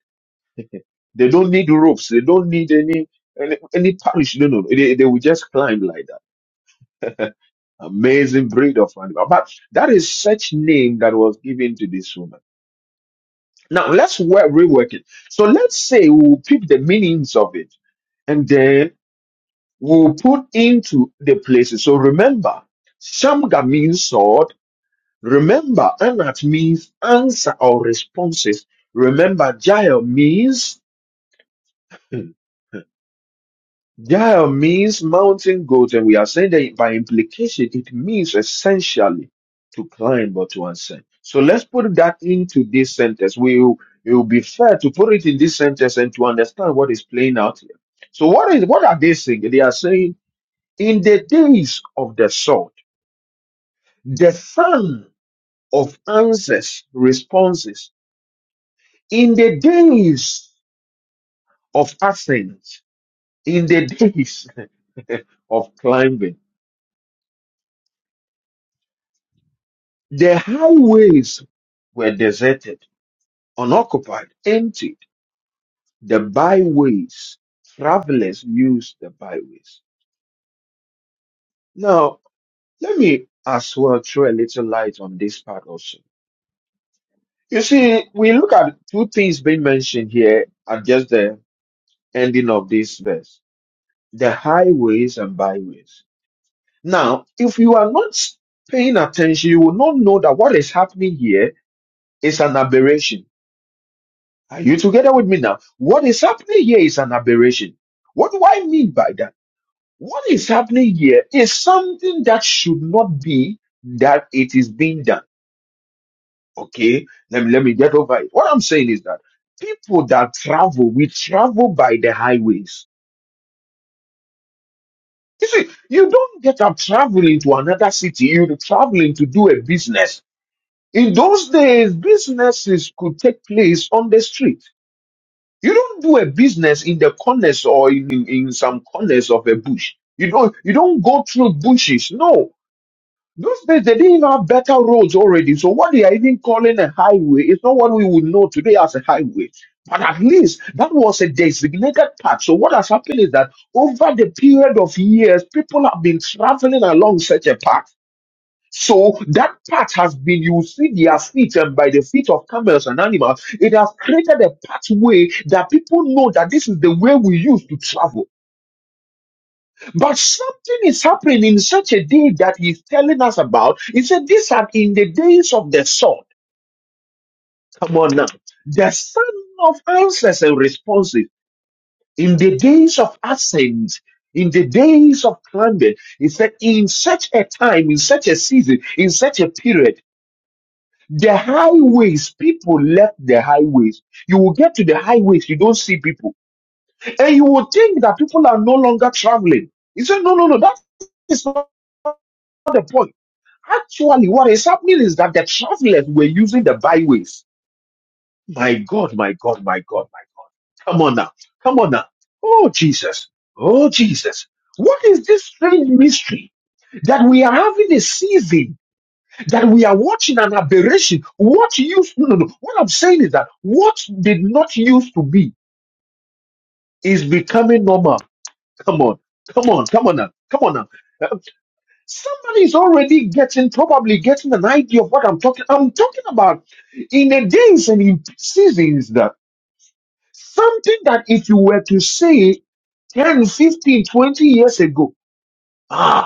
Speaker 2: They don't need ropes. They don't need any, any, any parish. No, no, no. they, they will just climb like that. Amazing breed of animal. But that is such name that was given to this woman. Now let's wo- rework it. So let's say we'll pick the meanings of it and then we'll put into the places. So remember, Shamga means sword. Remember, Anat means answer or responses. Remember, Jael means hmm, Jael means mountain goat, and we are saying that by implication, it means essentially to climb or to ascend. So let's put that into this sentence. We it will be fair to put it in this sentence and to understand what is playing out here. So what is what are they saying? They are saying in the days of the sword, the son of answers responses. In the days of ascent, in the days of climbing The highways were deserted, unoccupied, empty. The byways, travelers used the byways. Now, let me as well throw a little light on this part also. You see, we look at two things being mentioned here at just the ending of this verse the highways and byways. Now, if you are not paying attention, you will not know that what is happening here is an aberration Are you together with me now? What is happening here is an aberration. What do I mean by that? What is happening here is something that should not be that it is being done. Okay, let me let me get over it. What I'm saying is that people that travel, we travel by the highways. You see, you don't get up traveling to another city, you're traveling to do a business. In those days, businesses could take place on the street. You don't do a business in the corners or in, in, in some corners of a bush. You don't you don't go through bushes. No. Those days they didn't even have better roads already. So what they are even calling a highway is not what we would know today as a highway. But at least that was a designated path. So what has happened is that over the period of years, people have been traveling along such a path. So that path has been, you see their feet and by the feet of camels and animals, it has created a pathway that people know that this is the way we used to travel. But something is happening in such a day that he's telling us about. He said, these are in the days of the sword. Come on now. The son of answers and responses in the days of ascent, in the days of climbing. He said, in such a time, in such a season, in such a period, The highways, people left the highways. You will get to the highways, you don't see people. And you will think that people are no longer traveling. You say, no, no, no, that is not the point. Actually, what is happening is that the travelers were using the byways. My God, my God, my God, my God. Come on now. Come on now. Oh, Jesus. Oh, Jesus. What is this strange mystery that we are having a season that we are watching an aberration. What used no no no. What I'm saying is that what did not used to be is becoming normal. Come on, come on, come on now, come on now. Uh, Somebody is already getting probably getting an idea of what I'm talking. I'm talking about in the days and in seasons that something that if you were to say 10, 15, twenty years ago. ah,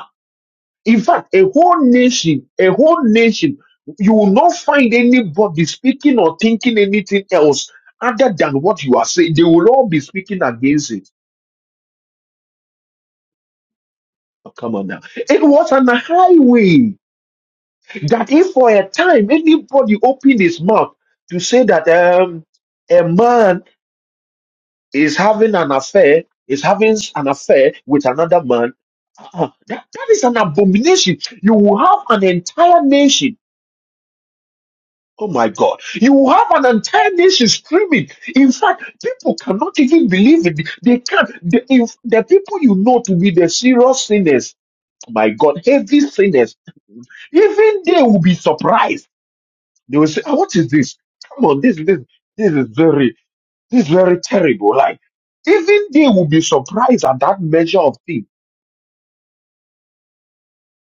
Speaker 2: In fact, a whole nation, a whole nation, you will not find anybody speaking or thinking anything else other than what you are saying. They will all be speaking against it. Oh, come on now. It was on a highway that if for a time anybody opened his mouth to say that um, a man is having an affair, is having an affair with another man, uh-uh, that, that is an abomination. You will have an entire nation Oh my God. You have an entire nation screaming. In fact, people cannot even believe it. They can't. The, if the people you know to be the serious sinners, oh my God, heavy sinners, even they will be surprised. They will say, "Ah, what is this? Come on, this, this, this is very, this is very terrible. Like, even they will be surprised at that measure of thing.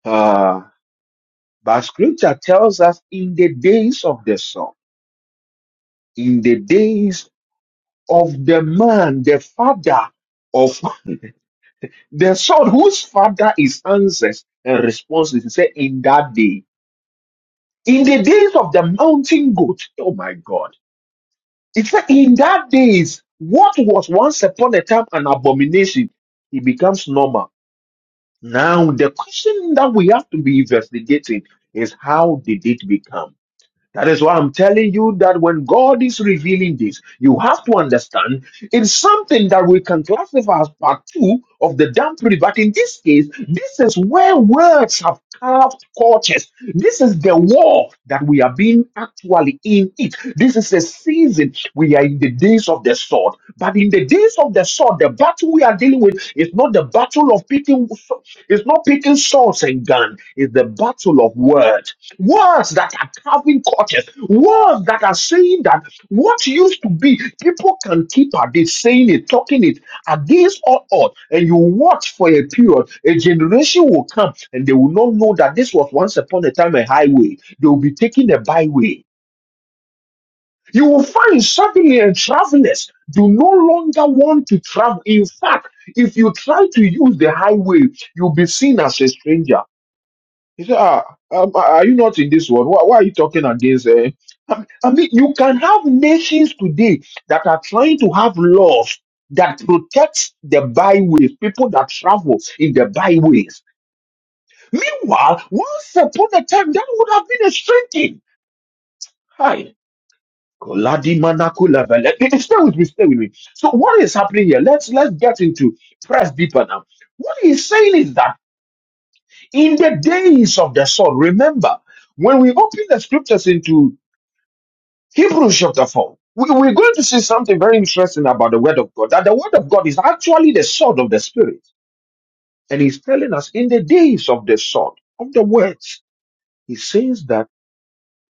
Speaker 2: Uh, but scripture tells us in the days of the sun, in the days of the man, the father of the son whose father is answers and responses. He said, In that day, in the days of the mountain goat, oh my God. It said, In that days, what was once upon a time an abomination, it becomes normal. Now, the question that we have to be investigating is how did it become? That is why I'm telling you that when God is revealing this, you have to understand it's something that we can classify as part two of the dampery. But in this case, this is where words have carved cultures. This is the war that we are being actually in it. This is a season we are in the days of the sword. But in the days of the sword, the battle we are dealing with is not the battle of picking, it's not picking swords and guns, it's the battle of words. Words that are carving cortex, words that are saying that what used to be, people can keep at it, saying it, talking it against all odds. And you watch for a period, a generation will come and they will not know that this was once upon a time a highway. They will be taking a byway. You will find suddenly and travelers do no longer want to travel. In fact, if you try to use the highway, you'll be seen as a stranger. He said, ah, um, uh, are you not in this one? Why, why are you talking against? Uh? I I mean, you can have nations today that are trying to have laws that protect the byways, people that travel in the byways. Meanwhile, once upon a time, that would have been a strange thing. Hi. Koladi manakula vele- Eh, eh, Stay with me, stay with me. So what is happening here? Let's let's get into press deeper now. What he's saying is that in the days of the sun. Remember, when we open the scriptures into Hebrews chapter 4, we, we're going to see something very interesting about the word of God. That the word of God is actually the sword of the spirit. And he's telling us in the days of the sword, of the words, he says that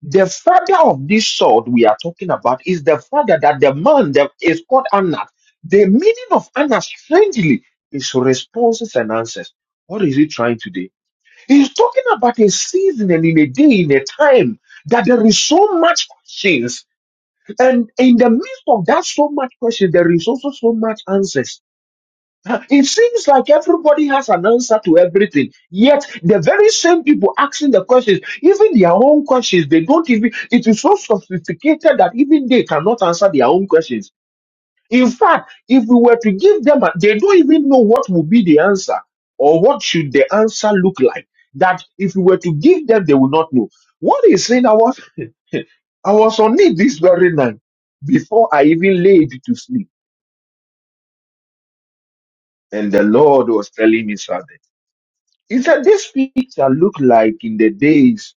Speaker 2: the father of this sword we are talking about is the father that the man that is called Anak. The meaning of Anak, strangely, is responses and answers. What is he trying to do? He's talking about a season and in a day, in a time that there is so much questions. And in the midst of that so much question, there is also so much answers. Uh, It seems like everybody has an answer to everything. Yet the very same people asking the questions, even their own questions, they don't even, it is so sophisticated that even they cannot answer their own questions. In fact, if we were to give them, a, they don't even know what will be the answer or what should the answer look like. That if we were to give them, they will not know. What is saying? I was, I was on it this very night before I even laid to sleep, and the Lord was telling me something. He said, "This picture looked like in the days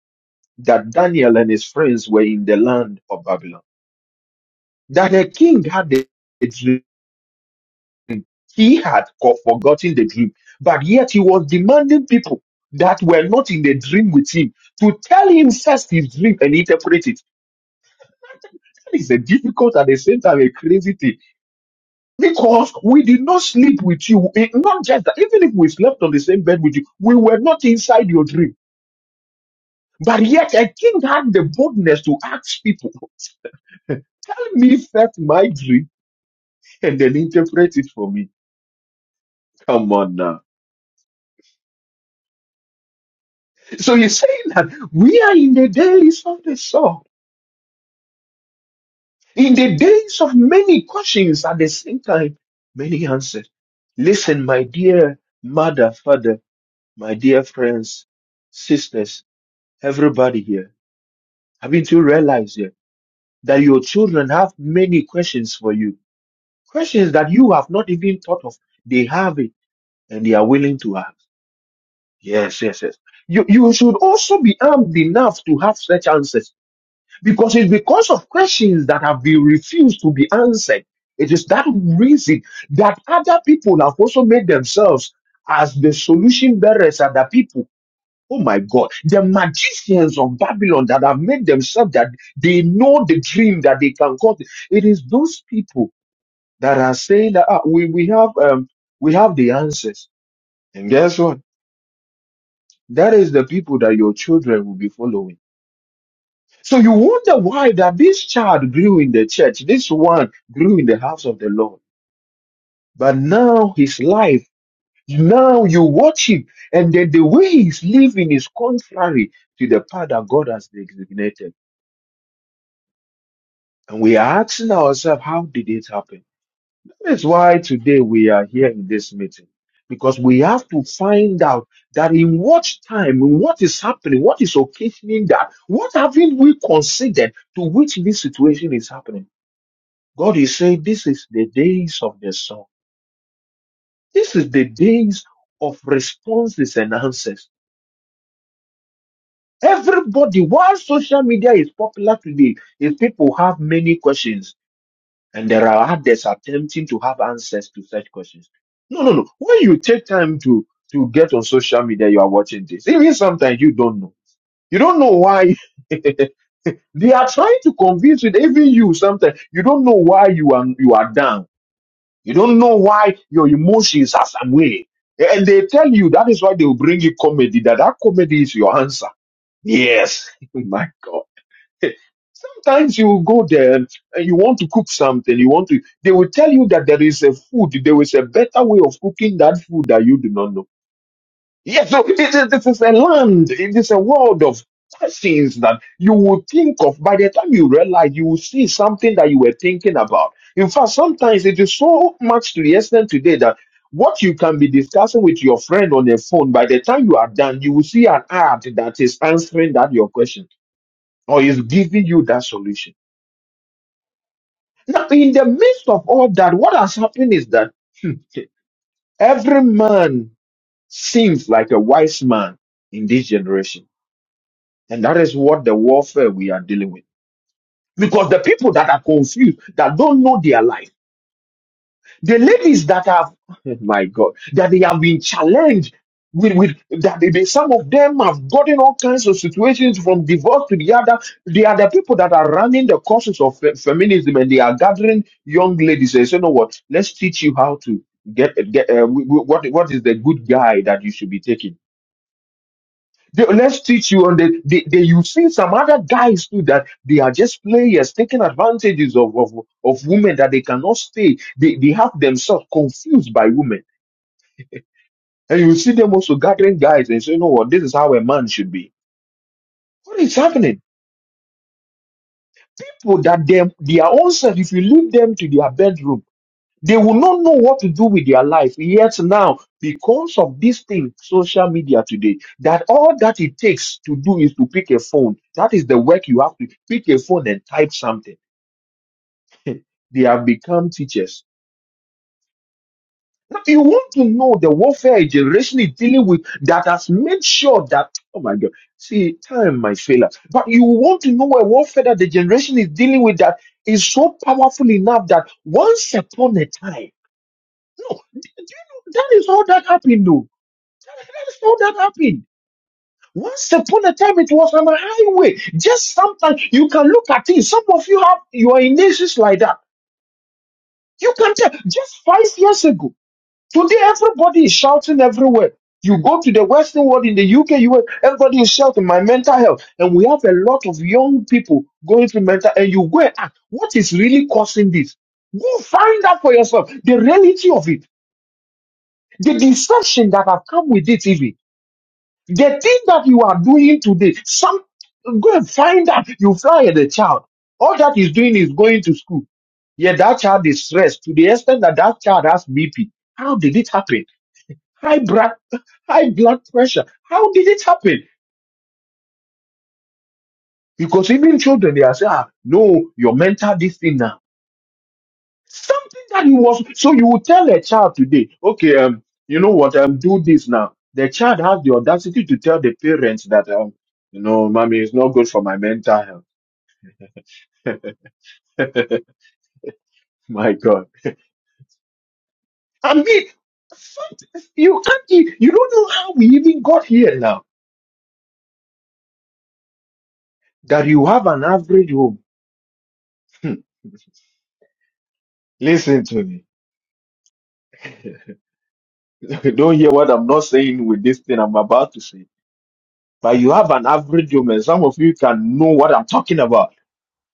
Speaker 2: that Daniel and his friends were in the land of Babylon. That a king had a dream." he had co- forgotten the dream, but yet he was demanding people that were not in the dream with him to tell him first his dream and interpret it. That is a difficult at the same time a crazy thing because we did not sleep with you. It- not just that, even if we slept on the same bed with you, we were not inside your dream. But yet a king had the boldness to ask people, tell me first my dream and then interpret it for me. Come on now. So he's saying that we are in the days of the sword, in the days of many questions at the same time, many answers. Listen, my dear mother, father, my dear friends, sisters, everybody here, haven't you realized yet that your children have many questions for you? Questions that you have not even thought of. They have it and they are willing to ask. Yes, yes, yes. You, you should also be armed enough to have such answers Because it's because of questions that have been refused to be answered. It is that reason that other people have also made themselves as the solution bearers Other people. Oh my God, the magicians of Babylon that have made themselves that they know the dream that they can cause. It is those people that are saying that "Ah, we, we have um, we have the answers. And guess what? That is the people that your children will be following. So you wonder why that this child grew in the church, this one grew in the house of the Lord. But now his life, now you watch him, and then the way he's living is contrary to the path that God has designated. And we are asking ourselves, how did it happen? That's why today we are here in this meeting. Because we have to find out that in what time, in what is happening, what is occasioning that, what haven't we considered to which this situation is happening? God is saying this is the days of the song. This is the days of responses and answers. Everybody, while social media is popular today, if people have many questions and there are others attempting to have answers to such questions. No, no, no. When you take time to, to get on social media, you are watching this. Even sometimes you don't know. You don't know why they are trying to convince you, even you sometimes, you don't know why you are, you are down You don't know why your emotions are some way. And they tell you that is why they will bring you comedy, that that comedy is your answer. Yes. My God. Sometimes you will go there and you want to cook something. You want to, they will tell you that there is a food, there is a better way of cooking that food that you do not know Yes, so it is, this is a land, it is a world of things that you will think of. By the time you realize, you will see something that you were thinking about. In fact, sometimes it is so much to the extent today that what you can be discussing with your friend on the phone, by the time you are done, you will see an ad that is answering that your question or is giving you that solution. Now, in the midst of all that, what has happened is that every man seems like a wise man in this generation And that is what the warfare we are dealing with. Because the people that are confused, that don't know their life, the ladies that have, my God, that they have been challenged with, with that they, they- some of them have gotten all kinds of situations from divorce to the other. They are the people that are running the courses of fe- feminism and they are gathering young ladies. They say, you know what, let's teach you how to get, get uh, w- w- what, what is the good guy that you should be taking They- let's teach you on the, the, the you see some other guys too that they are just players taking advantages of of, of women that they cannot stay. They they have themselves confused by women. And you see them also gathering guys and say, you know what, this is how a man should be. What is happening? People that them their own self, if you leave them to their bedroom They will not know what to do with their life. Yet now, because of this thing, social media today, that all that it takes to do is to pick a phone. That is the work you have to pick a phone and type something. They have become teachers. Now, you want to know the warfare a generation is dealing with that has made sure that, oh my God, see, time might fail us. But you want to know a warfare that the generation is dealing with that is so powerful enough that once upon a time, no, that is all that happened though. That's how that happened. Once upon a time, it was on a highway. Just sometimes you can look at things. Some of you have you are in nations like that. You can tell. Just five years ago, today everybody is shouting everywhere. You go to the Western world in the UK, US, everybody is shouting my mental health, and we have a lot of young people going through mental. And you go and ask, what is really causing this? Go find out for yourself the reality of it, the deception that have come with it, even. The thing that you are doing today, some go and find out. You fly at the child. All that he's doing is going to school. Yet that child is stressed to the extent that that child has BP. How did it happen? High blood, high blood pressure. How did it happen? Because even children, they are saying, ah, no, your mental this thing now. Something that you was, so you will tell a child today, okay, um, you know what, um, do this now. The child has the audacity to tell the parents that, um, you know, mommy, it's not good for my mental health My God. I mean, fact, you can't, e- you don't know how we even got here now. That you have an average home. Hmm. Listen to me. don't hear what I'm not saying with this thing I'm about to say. But you have an average home, and some of you can know what I'm talking about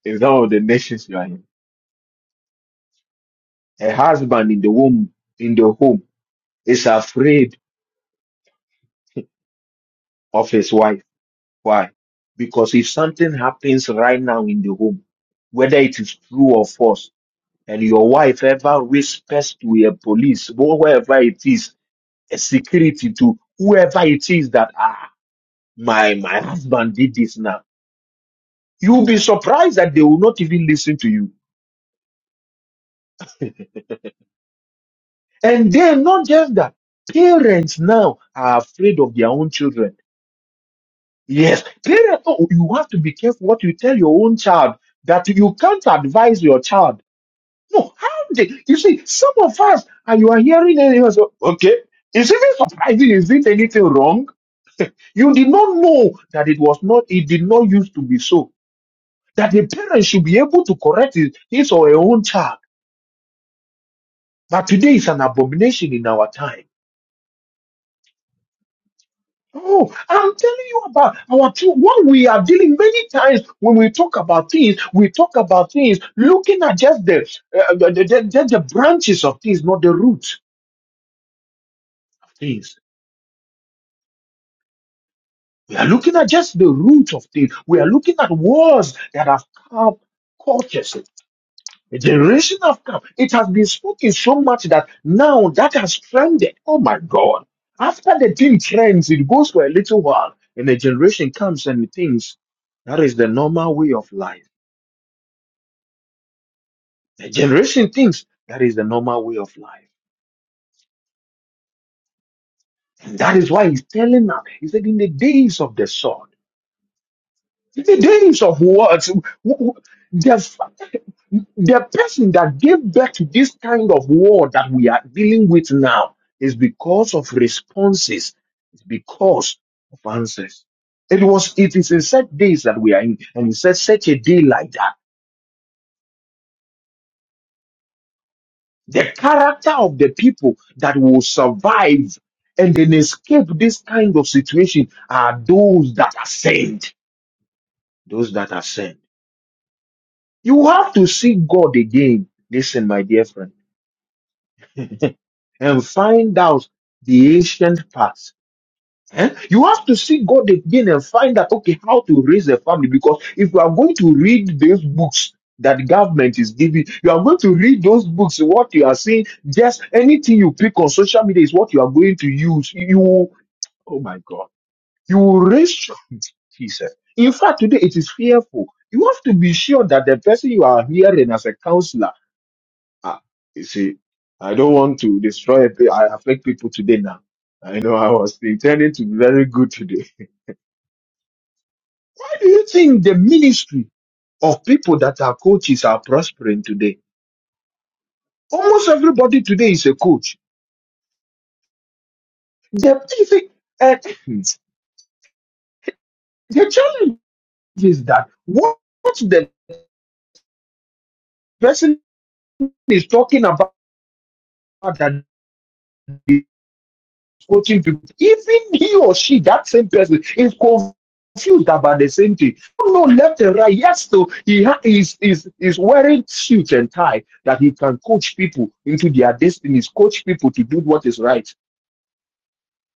Speaker 2: in some of the nations you are in. A husband in the womb, in the home, is afraid of his wife. Why? Because if something happens right now in the home, whether it is true or false, and your wife ever whispers to a police, whoever it is, a security to whoever it is that ah, my my husband did this now, you'll be surprised that they will not even listen to you. And then not just that, parents now are afraid of their own children. Yes, parents, oh, you have to be careful what you tell your own child that you can't advise your child. No, how they, you see, some of us, and you are hearing and you are so, okay, is it surprising? Is it anything wrong? You did not know that it was not, it did not used to be so. That a parent should be able to correct his, his or her own child. But today is an abomination in our time. Oh, I'm telling you about our two, what we are dealing many times when we talk about things, we talk about things looking at just the, uh, the, the, the, the branches of things, not the root of things. We are looking at just the root of things. We are looking at wars that have come cultures. A generation of calm. It has been spoken so much that now that has trended. Oh my God. After the thing trends, it goes for a little while and a generation comes and thinks that is the normal way of life. The generation thinks that is the normal way of life. And that is why he's telling us, he said, in the days of the sword. The days of words, the, the person that gave birth to this kind of war that we are dealing with now is because of responses, it's because of answers. It was, it is in such days that we are in, and in said such a day like that. The character of the people that will survive and then escape this kind of situation are those that are ascend. Those that are ascend. You have to see God again. Listen, my dear friend, and find out the ancient past. Eh? You have to see God again and find out, okay, how to raise a family. Because if you are going to read those books that government is giving, you are going to read those books, what you are seeing, just anything you pick on social media is what you are going to use. You, oh my God, you will raise, Jesus. In fact, today it is fearful. You have to be sure that the person you are hearing as a counselor Ah, you see, I don't want to destroy. pe- I affect people today. Now, I know I was intending to be very good today. Why do you think the ministry of people that are coaches are prospering today? Almost everybody today is a coach. The you see, uh, the challenge is that what the person is talking about that. quoting people, even he or she, that same person, is confused about the same thing. No, left and right. Yes, so he is is is wearing suit and tie that he can coach people into their destinies, coach people to do what is right.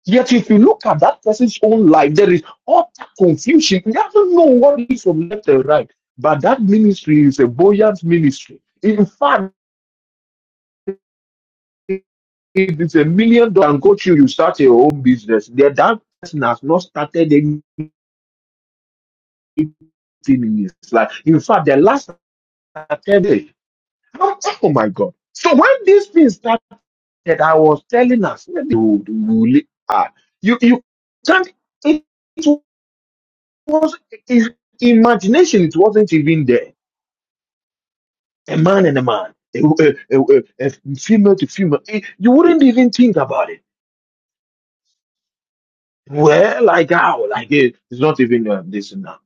Speaker 2: Yet, if you look at that person's own life, there is utter confusion. He doesn't know what is from left and right. But that ministry is a buoyant ministry. In fact, if it's a million dollar and go through, you start your own business. that person has not started any thing in his life. In fact, the last Saturday, oh oh my God. So when this thing started, I was telling us, ah, you, you can't, it, was, his imagination, it wasn't even there. A man and a man, a, a, a, a- a female to female, Eh, you wouldn't even think about it. Well, like how, like eh, it's not even uh, this now.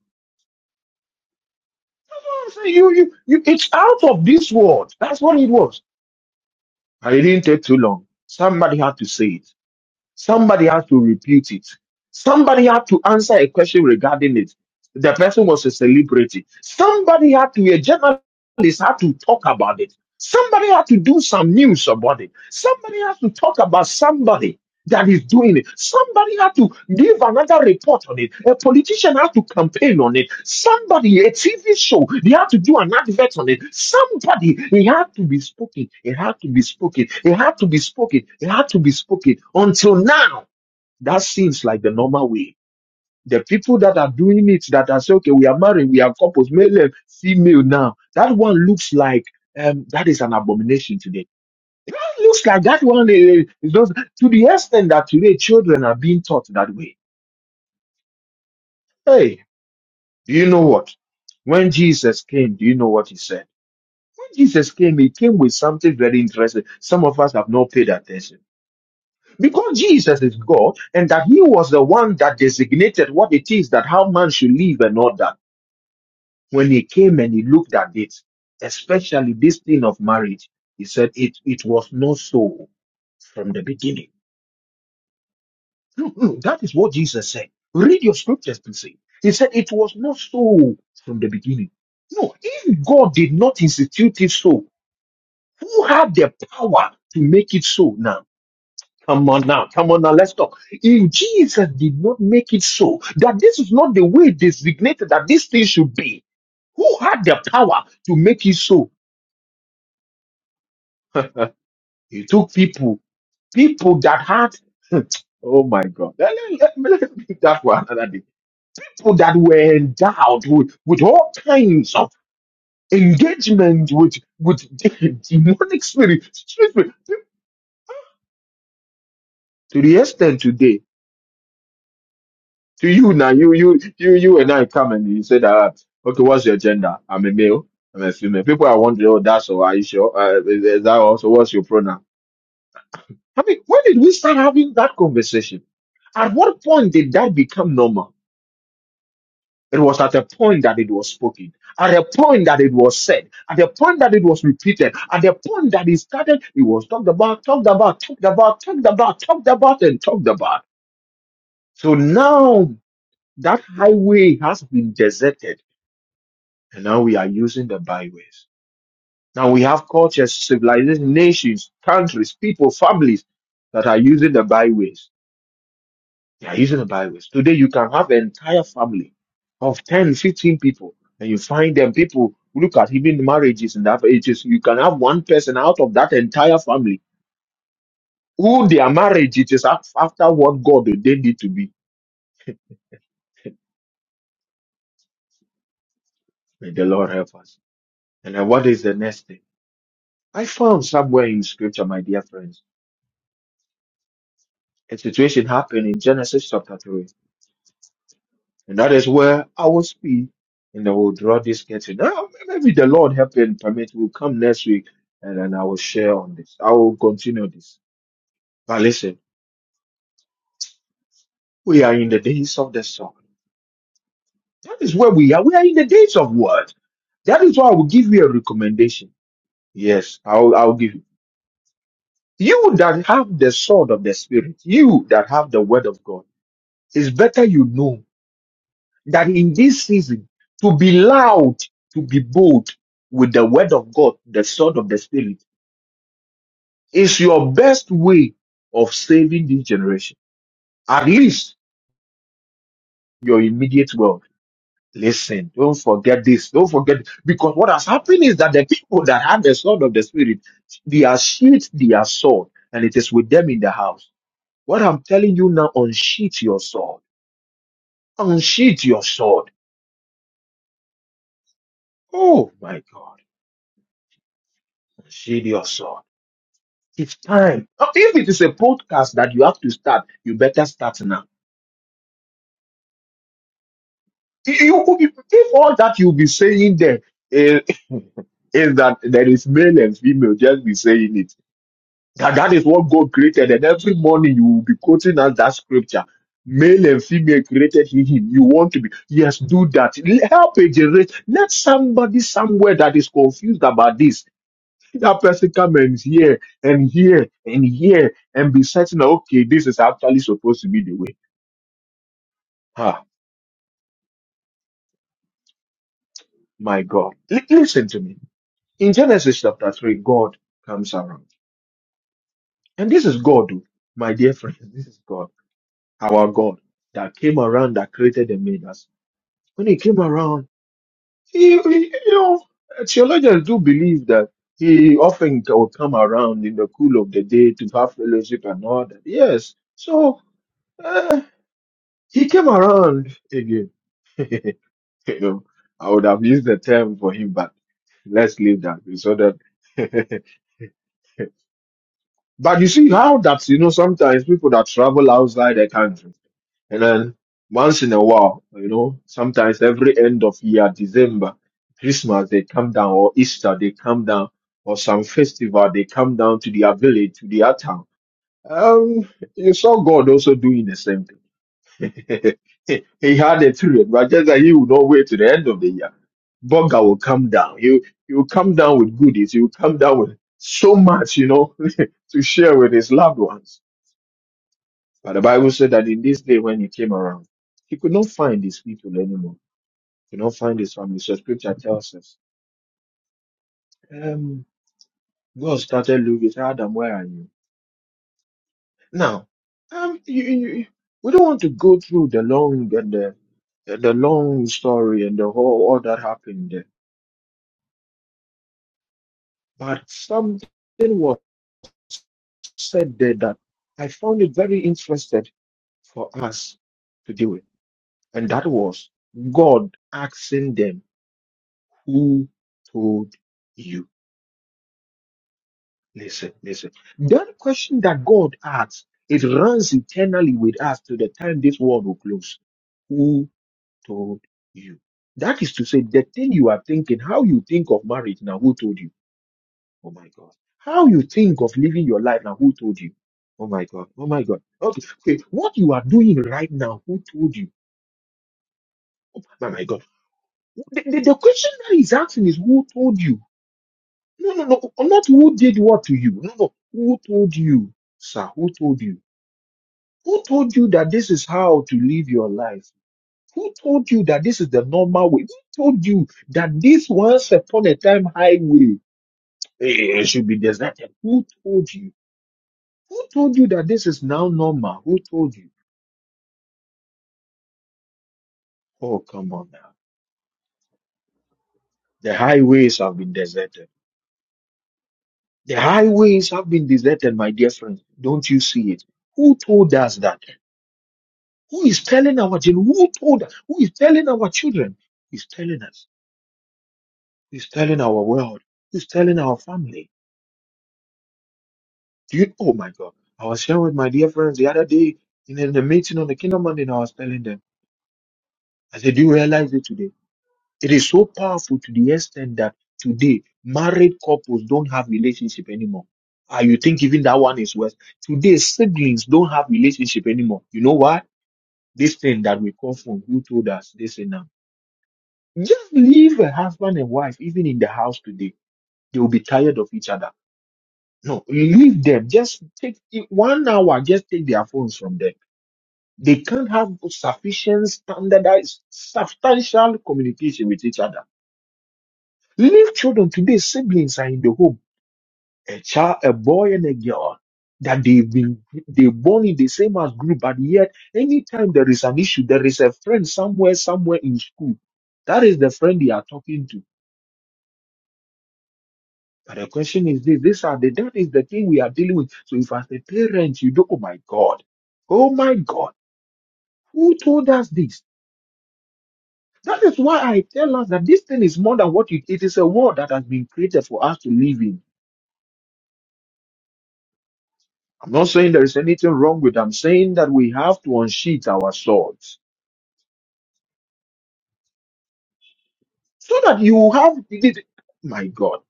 Speaker 2: So you, you, you, it's out of this world. That's what it was. And It didn't take too long. Somebody had to say it. Somebody has to repute it. Somebody had to answer a question regarding it. The person was a celebrity. Somebody had to, a journalist had to talk about it. Somebody had to do some news about it. Somebody has to talk about somebody that is doing it. Somebody had to give another report on it. A politician had to campaign on it. Somebody, a TV show, they had to do an advert on it. Somebody, it had to be spoken. It had to be spoken. It had to be spoken. It had to be spoken. Until now, that seems like the normal way. The people that are doing it, that are saying, okay, we are married, we are couples, male and female now. That one looks like um, that is an abomination today looks like that one eh, is just to the extent that today children are being taught that way. Hey, do you know what? When Jesus came, do you know what he said? When Jesus came, he came with something very interesting. Some of us have not paid attention. Because Jesus is God and that he was the one that designated what it is that how man should live and all that. When he came and he looked at it, especially this thing of marriage, he said it, it was not so from the beginning. No, no, that is what Jesus said. Read your scriptures to see. He said it was not so from the beginning. No, if God did not institute it so, who had the power to make it so now? Come on now, come on now, let's talk. If Jesus did not make it so, that this is not the way designated that this thing should be, who had the power to make it so? he took people, people that had, oh my God, let, let, let, let me pick that one another day. people that were endowed with, with all kinds of engagement with, with demonic spirit, spirit, spirit. to the extent today, to you now, you, you, you, you and I come and you say that, okay, what's your gender? I'm a male. I'm a female. People are wondering, oh, that's all. Are you sure? Uh, is is that also? What's your pronoun? I mean, when did we start having that conversation? At what point did that become normal? It was at the point that it was spoken, at the point that it was said, at the point that it was repeated, at the point that it started, it was talked about, talked about, talked about, talked about, talked about, and talked about. So now that highway has been deserted, and now we are using the byways. Now we have cultures, civilizations, nations, countries, people, families that are using the byways They are using the byways. Today, you can have an entire family of 10, 15 people, and you find them people look at even marriages and after ages. You can have one person out of that entire family who their marriage it is af- after what God ordained it to be. May the Lord help us. And then what is the next thing? I found somewhere in scripture, my dear friends, a situation happened in Genesis chapter 3 And that is where our speed in the will draw this getting. Now, maybe the Lord help and permit will come next week and then I will share on this. I will continue this. But listen, we are in the days of the sword. That is where we are. We are in the days of word. That is why I will give you a recommendation. Yes, I'll, I'll give you. You that have the sword of the spirit, you that have the word of God, it's better you know that in this season to be loud, to be bold with the word of God, the sword of the spirit, is your best way of saving this generation. At least your immediate world. Listen, don't forget this. Don't forget because what has happened is that the people that have the sword of the spirit, they are sheathed their sword, and it is with them in the house. What I'm telling you now, unsheath your sword. Unsheath your sword. Oh my God. Unsheath your sword It's time. Uh, If it is a podcast that you have to start, you better start now. You, you- could be- if all that you'll be saying there is, is that there is male and female, just be saying it. That, that is what God created, and every morning you will be quoting us that scripture. Male and female created he him. You want to be yes, do that. Help a generation. Let somebody somewhere that is confused about this That person come and hear and hear and hear and be certain, that, okay, this is actually supposed to be the way. Ah, my God. Li- listen to me. In Genesis chapter 3, God comes around. And this is God, oh, my dear friends. This is God, our God, that came around, that created and made us. When he came around, he, he- you know, theologians do believe that he often will come around in the cool of the day to have fellowship and all that. Yes. So, uh, He came around again. you know, I would have used the term for him, but let's leave that so that. but you see how that you know sometimes people that travel outside the country and then once in a while, you know, sometimes every end of year, December, Christmas, they come down, or Easter, they come down, or some festival, they come down to their village, to their town. Um, you saw God also doing the same thing. he had a period, but just that he would not wait to the end of the year. Burger will come down. He he will come down with goodies. He will come down with so much, you know, to share with his loved ones. But the Bible said that in this day when he came around, he could not find his people anymore. He could not find his family. So scripture tells us, um, God started looking, Adam, where are you? Now, um, you, you, you- we don't want to go through the long and the the the long story and the whole all that happened. But something was said there that I found it very interesting for us to deal with. And that was God asking them, Who told you? Listen, listen. That question that God asks, it runs eternally with us to the time this world will close. Who told you? That is to say, the thing you are thinking, how you think of marriage now, who told you? Oh my God. How you think of living your life now? Who told you? Oh my God. Oh my God. Okay. okay. What you are doing right now, who told you? Oh my God. The, the, the question that he's asking is who told you? No, no, no. Not who did what to you. No, no. Who told you, sir? Who told you? Who told you that this is how to live your life? Who told you that this is the normal way? Who told you that this once upon a time highway eh, eh, should be deserted? Who told you? Who told you that this is now normal? Who told you? Oh, come on now. The highways have been deserted. The highways have been deserted, my dear friends. Don't you see it? Who told us that? Who is telling our children? Who told us? Who is telling our children? Who's telling us? Who's telling our world? Who's telling our family? Do you? Oh my God! I was sharing with my dear friends the other day in the in the meeting on the Kingdom Monday, and I was telling them. I said, "Do you realize it today? It is so powerful to the extent that today married couples don't have relationship anymore. Ah, you think even that one is worse? Today siblings don't have relationship anymore. You know why? This thing that we call from who told us this and now, Just leave a husband and wife even in the house today. They will be tired of each other. No, leave them. Just take it- one hour. Just take their phones from them. They can't have sufficient standardized, substantial communication with each other Leave children today, siblings are in the home, a child, a boy and a girl, that they've been they born in the same as group, but yet anytime there is an issue, there is a friend somewhere, somewhere in school. That is the friend they are talking to. But the question is this: these are the that is the thing we are dealing with. So if as a parent, you do, oh my God, oh my God, who told us this? That is why I tell us that this thing is more than what it, it is a world that has been created for us to live in. I'm not saying there is anything wrong with. it. I'm saying that we have to unsheath our swords so that you have. My God,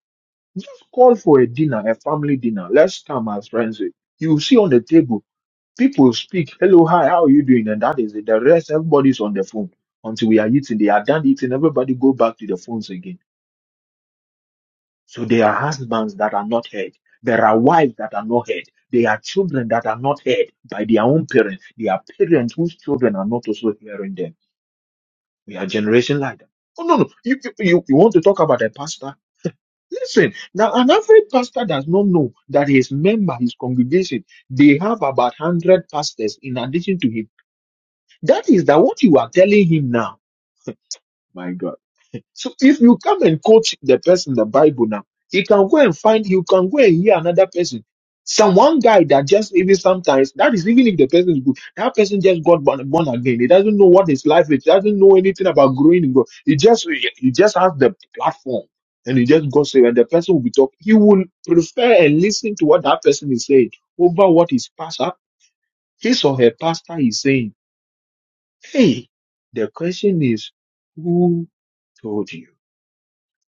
Speaker 2: just call for a dinner, a family dinner. Let's come as friends. You see on the table, people speak. Hello, hi, how are you doing? And that is it. The rest, everybody's on the phone until we are eating. They are done eating. Everybody go back to the phones again. So there are husbands that are not heard. There are wives that are not heard. There are children that are not heard by their own parents. There are parents whose children are not also hearing them. We are generation like that. Oh no, no. You, you you you want to talk about a pastor? Listen, now an average pastor does not know that his member, his congregation, they have about hundred pastors in addition to him. That is that what you are telling him now. My God. So if you come and quote the person the Bible now, you can go and find, you can go and hear another person. Some one guy that just even sometimes that is even if the person is good, that person just got born, born again. He doesn't know what his life is. He doesn't know anything about growing in God. He just he just has the platform and he just goes there and the person will be talking. He will prefer and listen to what that person is saying over what his pastor, his or her pastor is saying. Hey, the question is, who told you?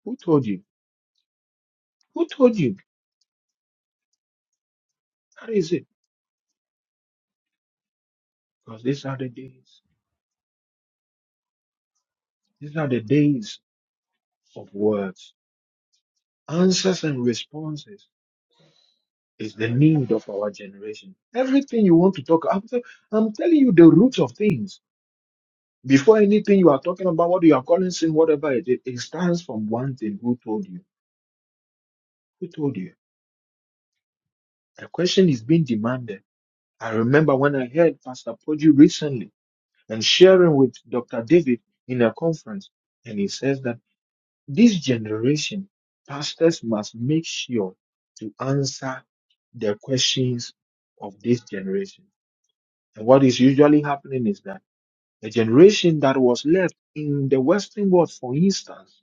Speaker 2: Who told you? Who told you? That is it. Because these are the days. These are the days of words. Answers and responses is the need of our generation. Everything you want to talk about, I'm telling you the roots of things. Before anything you are talking about, what you are calling sin, whatever it is, it stands from one thing. Who told you? Who told you? The question is being demanded. I remember when I heard Pastor Poggi recently and sharing with Dr. David in a conference, and he says that. This generation, pastors must make sure to answer the questions of this generation. And what is usually happening is that the generation that was left in the Western world, for instance,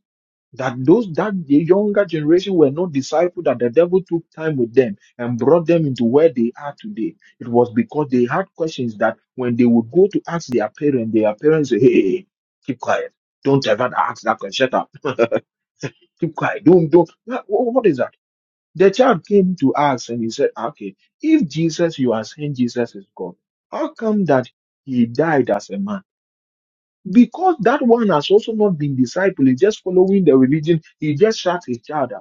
Speaker 2: that those that the younger generation were not discipled, that the devil took time with them and brought them into where they are today. It was because they had questions that when they would go to ask their parents, their parents say, Hey, hey, hey, keep quiet. Don't ever ask that question keep quiet. Don't, don't. Wha- wha- What is that? The child came to us and he said, okay, if Jesus, you are saying Jesus is God, how come that he died as a man? Because that one has also not been disciple. He's just following the religion. He just shut his child up.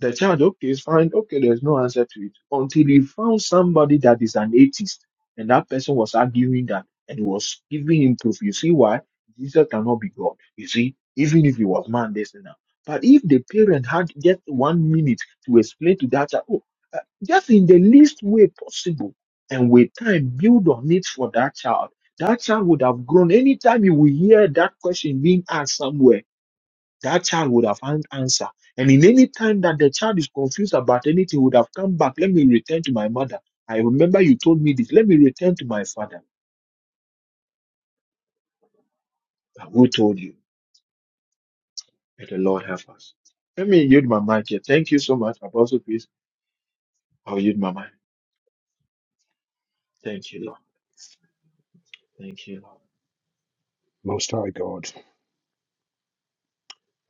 Speaker 2: The child, okay, is fine. Okay, there's no answer to it until he found somebody that is an atheist, and that person was arguing that and was giving him proof. You see why Jesus cannot be God. You see, even if he was man, this and that. But if the parent had just one minute to explain to that child, oh, uh, just in the least way possible, and with time build on it for that child, that child would have grown. Anytime you will hear that question being asked somewhere that child would have found answer. And in any time that the child is confused about anything, would have come back. Let me return to my mother. I remember you told me this. Let me return to my father. But who told you? May the Lord help us. Let me yield my mic here. Thank you so much, Apostle Peace. I'll yield my mic. Thank you, Lord. Thank you, Lord.
Speaker 3: Most High God,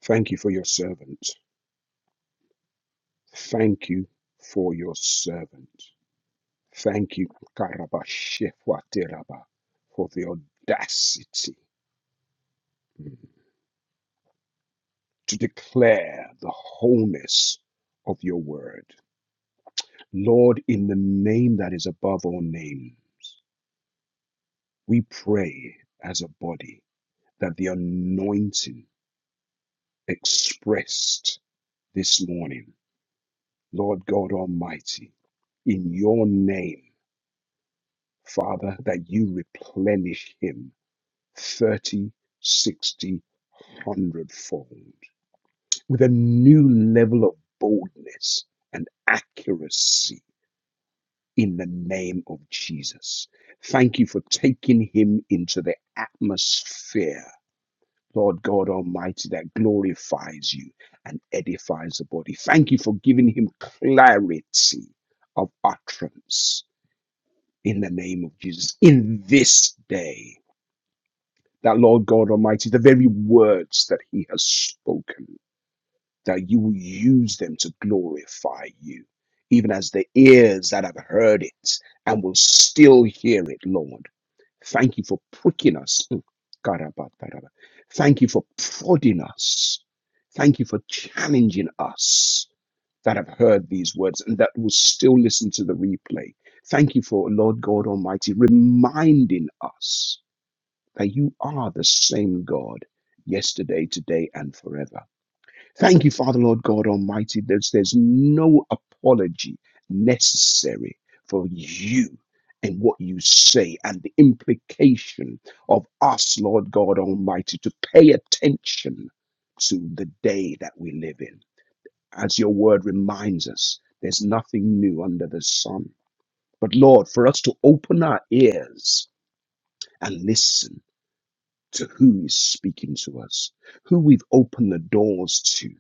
Speaker 3: thank you for your servant. Thank you for your servant. Thank you, Karabashefwateraba, for the audacity mm, to declare the wholeness of your word. Lord, in the name that is above all name, we pray as a body that the anointing expressed this morning, Lord God Almighty, in your name. Father, that you replenish him 30, 60, hundredfold with a new level of boldness and accuracy in the name of Jesus. Thank you for taking him into the atmosphere. Lord God Almighty, that glorifies you and edifies the body. Thank you for giving him clarity of utterance in the name of Jesus in this day that Lord God Almighty, the very words that He has spoken, that you will use them to glorify you, even as the ears that have heard it and will still hear it, Lord. Thank you for pricking us. Mm. Karabataraba. Thank you for prodding us. Thank you for challenging us that have heard these words and that will still listen to the replay. Thank you for, Lord God Almighty, reminding us that you are the same God yesterday, today, and forever. Thank you, Father, Lord God Almighty. There's, there's no apology necessary for you and what you say and the implication of us, Lord God Almighty, to pay attention to the day that we live in. As your word reminds us, there's nothing new under the sun. But Lord, for us to open our ears and listen to who is speaking to us, who we've opened the doors to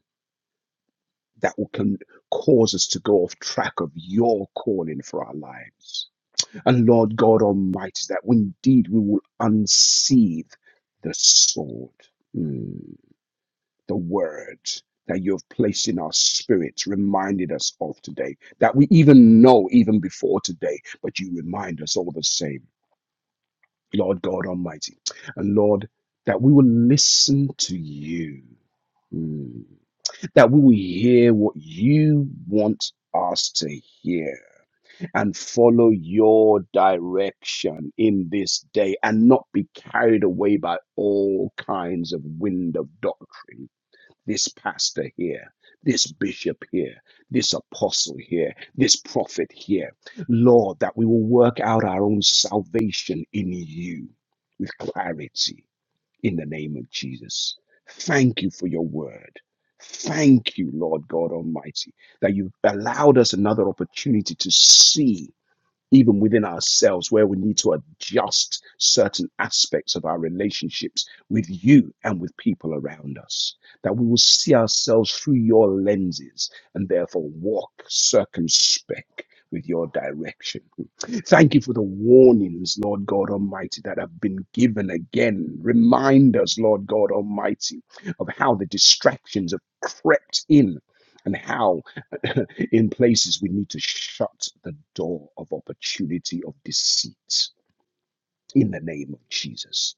Speaker 3: that will can cause us to go off track of your calling for our lives. And Lord God Almighty, that indeed we will unseathe the sword, mm, the word that you have placed in our spirits, reminded us of today, that we even know even before today, but you remind us all the same. Lord God Almighty. And Lord, that we will listen to you Mm. That we will hear what you want us to hear and follow your direction in this day and not be carried away by all kinds of wind of doctrine. This pastor here, this bishop here, this apostle here, this prophet here. Lord, that we will work out our own salvation in you with clarity in the name of Jesus. Thank you for your word. Thank you, Lord God Almighty, that you've allowed us another opportunity to see, even within ourselves, where we need to adjust certain aspects of our relationships with you and with people around us. That we will see ourselves through your lenses and therefore walk circumspect with your direction. Thank you for the warnings, Lord God Almighty, that have been given again. Remind us, Lord God Almighty, of how the distractions have crept in and how in places we need to shut the door of opportunity of deceit in the name of Jesus.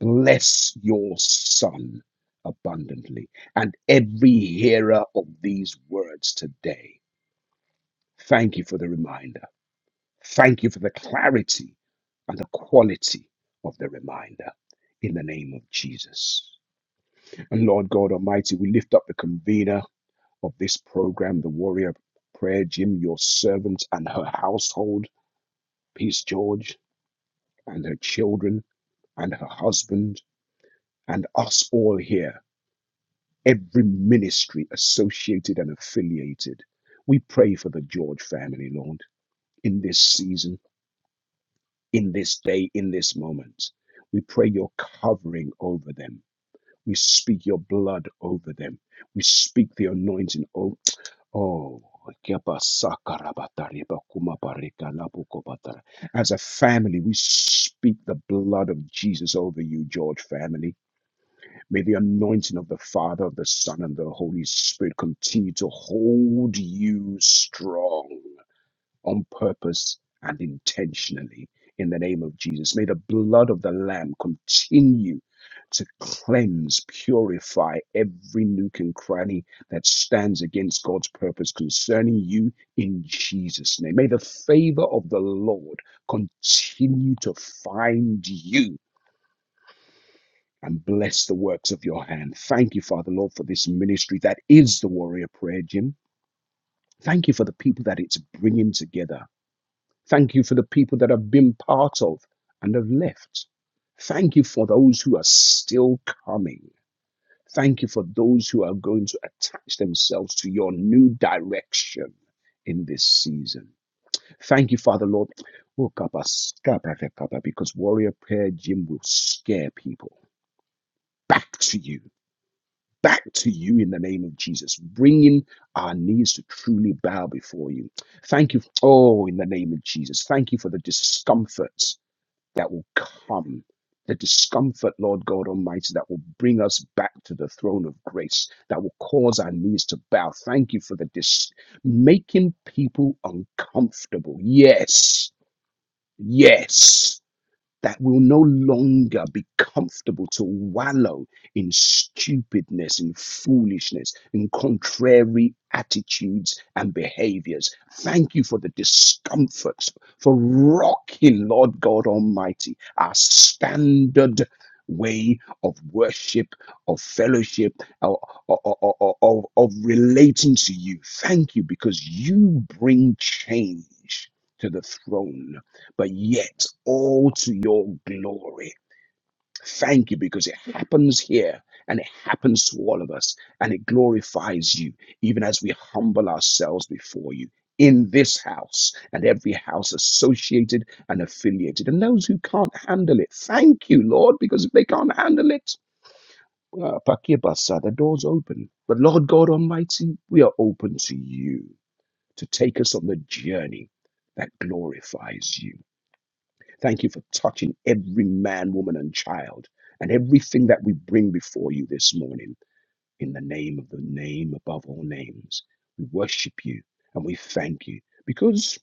Speaker 3: Bless your son abundantly and every hearer of these words today. Thank you for the reminder. Thank you for the clarity and the quality of the reminder in the name of Jesus. And Lord God Almighty, we lift up the convener of this program, the warrior prayer, Jim, your servant and her household, Peace George, and her children, and her husband, and us all here, every ministry associated and affiliated. We pray for the George family, Lord, in this season. in this day, in this moment. We pray your covering over them. We speak your blood over them. We speak the anointing. Oh, oh. As a family, we speak the blood of Jesus over you, George family. May the anointing of the Father, of the Son, and the Holy Spirit continue to hold you strong on purpose and intentionally in the name of Jesus. May the blood of the Lamb continue to cleanse, purify every nook and cranny that stands against God's purpose concerning you in Jesus' name. May the favor of the Lord continue to find you. And bless the works of your hand. Thank you, Father Lord, for this ministry that is the warrior prayer, Jim. Thank you for the people that it's bringing together. Thank you for the people that have been part of and have left. Thank you for those who are still coming. Thank you for those who are going to attach themselves to your new direction in this season. Thank you, Father Lord. Oh, Kappa, Kappa, Because warrior prayer, Jim, will scare people back to you, back to you in the name of Jesus, bringing our knees to truly bow before you. Thank you. Oh, in the name of Jesus. Thank you for the discomfort that will come. The discomfort, Lord God Almighty, that will bring us back to the throne of grace, that will cause our knees to bow. Thank you for the dis- making people uncomfortable. Yes, yes that will no longer be comfortable to wallow in stupidness and foolishness and contrary attitudes and behaviors. Thank you for the discomforts, for rocking, Lord God Almighty, our standard way of worship, of fellowship, of, of, of of relating to you. Thank you because you bring change to the throne but yet all to your glory. Thank you because it happens here and it happens to all of us and it glorifies you even as we humble ourselves before you in this house and every house associated and affiliated and those who can't handle it. Thank you, Lord, because if they can't handle it, uh, Pakibasa, the door's open. But Lord God Almighty, we are open to you to take us on the journey that glorifies you. Thank you for touching every man, woman, and child and everything that we bring before you this morning in the name of the name above all names. We worship you and we thank you because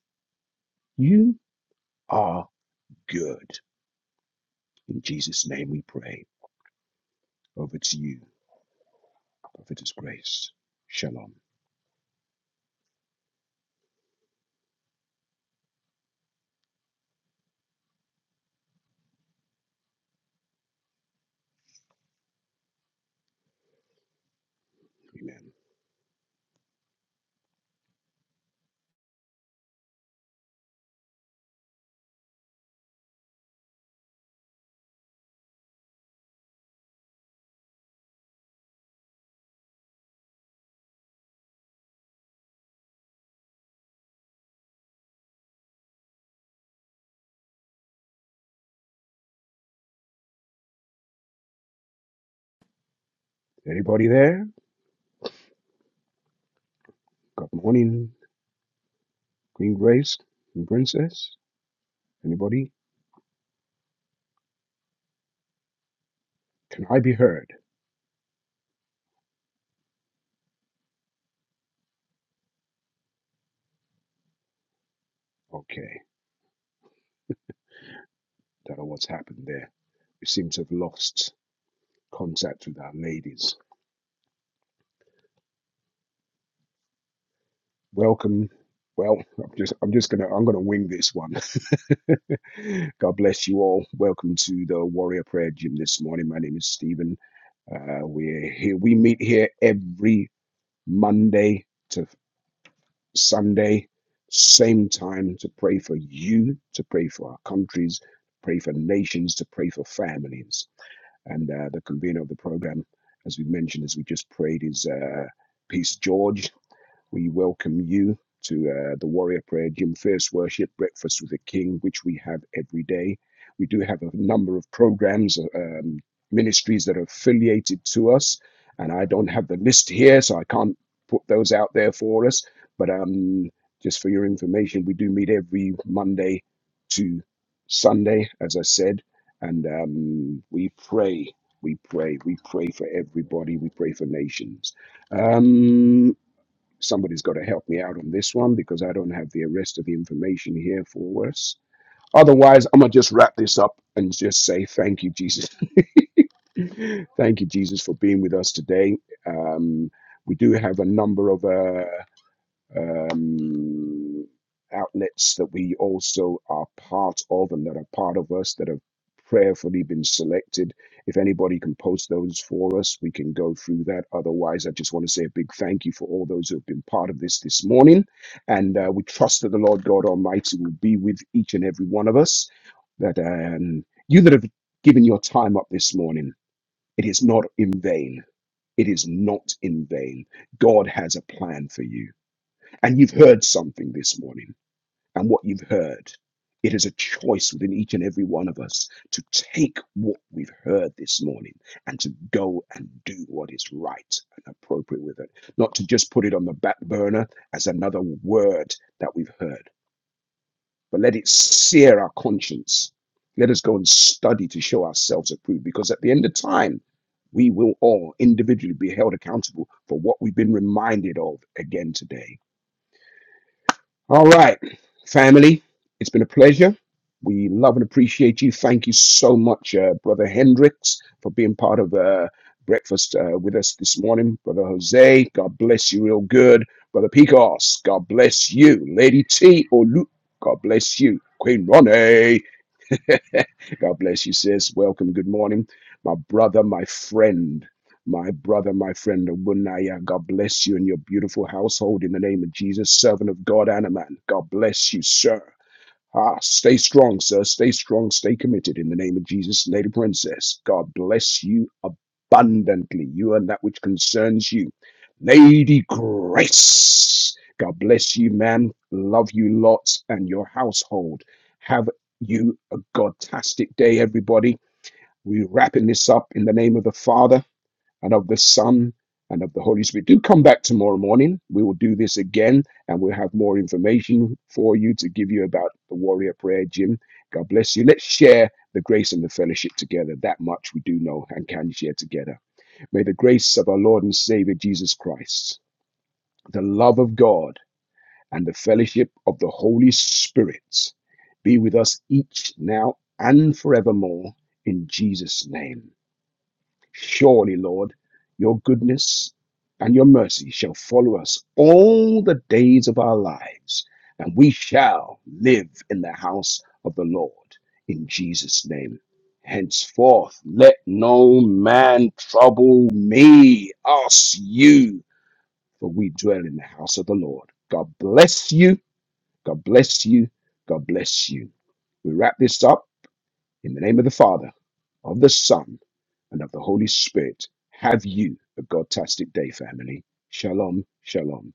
Speaker 3: you are good. In Jesus' name we pray. Over to you, Prophetess Grace. Shalom. Amen. Anybody there? Good morning, Queen Grace and Princess. Anybody? Can I be heard? Okay. Don't know what's happened there. We seem to have lost contact with our ladies. Welcome. Well, I'm just I'm just gonna I'm gonna wing this one. God bless you all. Welcome to the Warrior Prayer Gym this morning. My name is Stephen. Uh, we're here. We meet here every Monday to Sunday, same time to pray for you, to pray for our countries, pray for nations, to pray for families. And uh, the convener of the program, as we mentioned, as we just prayed, is uh, Peace George. We welcome you to uh, the Warrior Prayer Gym First Worship Breakfast with the King, which we have every day. We do have a number of programs, uh, um, ministries that are affiliated to us, and I don't have the list here, so I can't put those out there for us. But um, just for your information, we do meet every Monday to Sunday, as I said, and um, we pray. We pray. We pray for everybody. We pray for nations. Um, somebody's got to help me out on this one because I don't have the rest of the information here for us. Otherwise, I'm going to just wrap this up and just say thank you, Jesus. thank you, Jesus, for being with us today. Um, we do have a number of uh, um, outlets that we also are part of and that are part of us that have prayerfully been selected. If anybody can post those for us, we can go through that. Otherwise, I just want to say a big thank you for all those who have been part of this this morning. And uh, we trust that the Lord God Almighty will be with each and every one of us. That um, you that have given your time up this morning, it is not in vain. It is not in vain. God has a plan for you. And you've heard something this morning. And what you've heard, it is a choice within each and every one of us to take what we've heard this morning and to go and do what is right and appropriate with it. Not to just put it on the back burner as another word that we've heard, but let it sear our conscience. Let us go and study to show ourselves approved because at the end of time, we will all individually be held accountable for what we've been reminded of again today. All right, family, it's been a pleasure. We love and appreciate you. Thank you so much, uh, Brother Hendricks, for being part of uh, breakfast uh, with us this morning. Brother Jose, God bless you real good. Brother Picos, God bless you. Lady T, Olu, God bless you. Queen Ronnie. God bless you, sis. Welcome. Good morning, my brother, my friend, my brother, my friend, Obunaya. God bless you and your beautiful household in the name of Jesus, servant of God and a man. God bless you, sir. Ah, stay strong, sir. Stay strong. Stay committed in the name of Jesus, Lady Princess. God bless you abundantly, you and that which concerns you. Lady Grace, God bless you, man. Love you lots and your household. Have you a godtastic day, everybody. We're wrapping this up in the name of the Father and of the Son and of the Holy Spirit. Do come back tomorrow morning. We will do this again and we'll have more information for you to give you about the warrior prayer, Jim. God bless you. Let's share the grace and the fellowship together. That much we do know and can share together. May the grace of our Lord and Savior Jesus Christ, the love of God, and the fellowship of the Holy Spirit be with us each now and forevermore in Jesus' name. Surely, Lord, your goodness and your mercy shall follow us all the days of our lives, and we shall live in the house of the Lord in Jesus' name. Henceforth, let no man trouble me, us, you, for we dwell in the house of the Lord. God bless you. God bless you. God bless you. We wrap this up in the name of the Father, of the Son, and of the Holy Spirit, have you a Godtastic day, family. Shalom, shalom.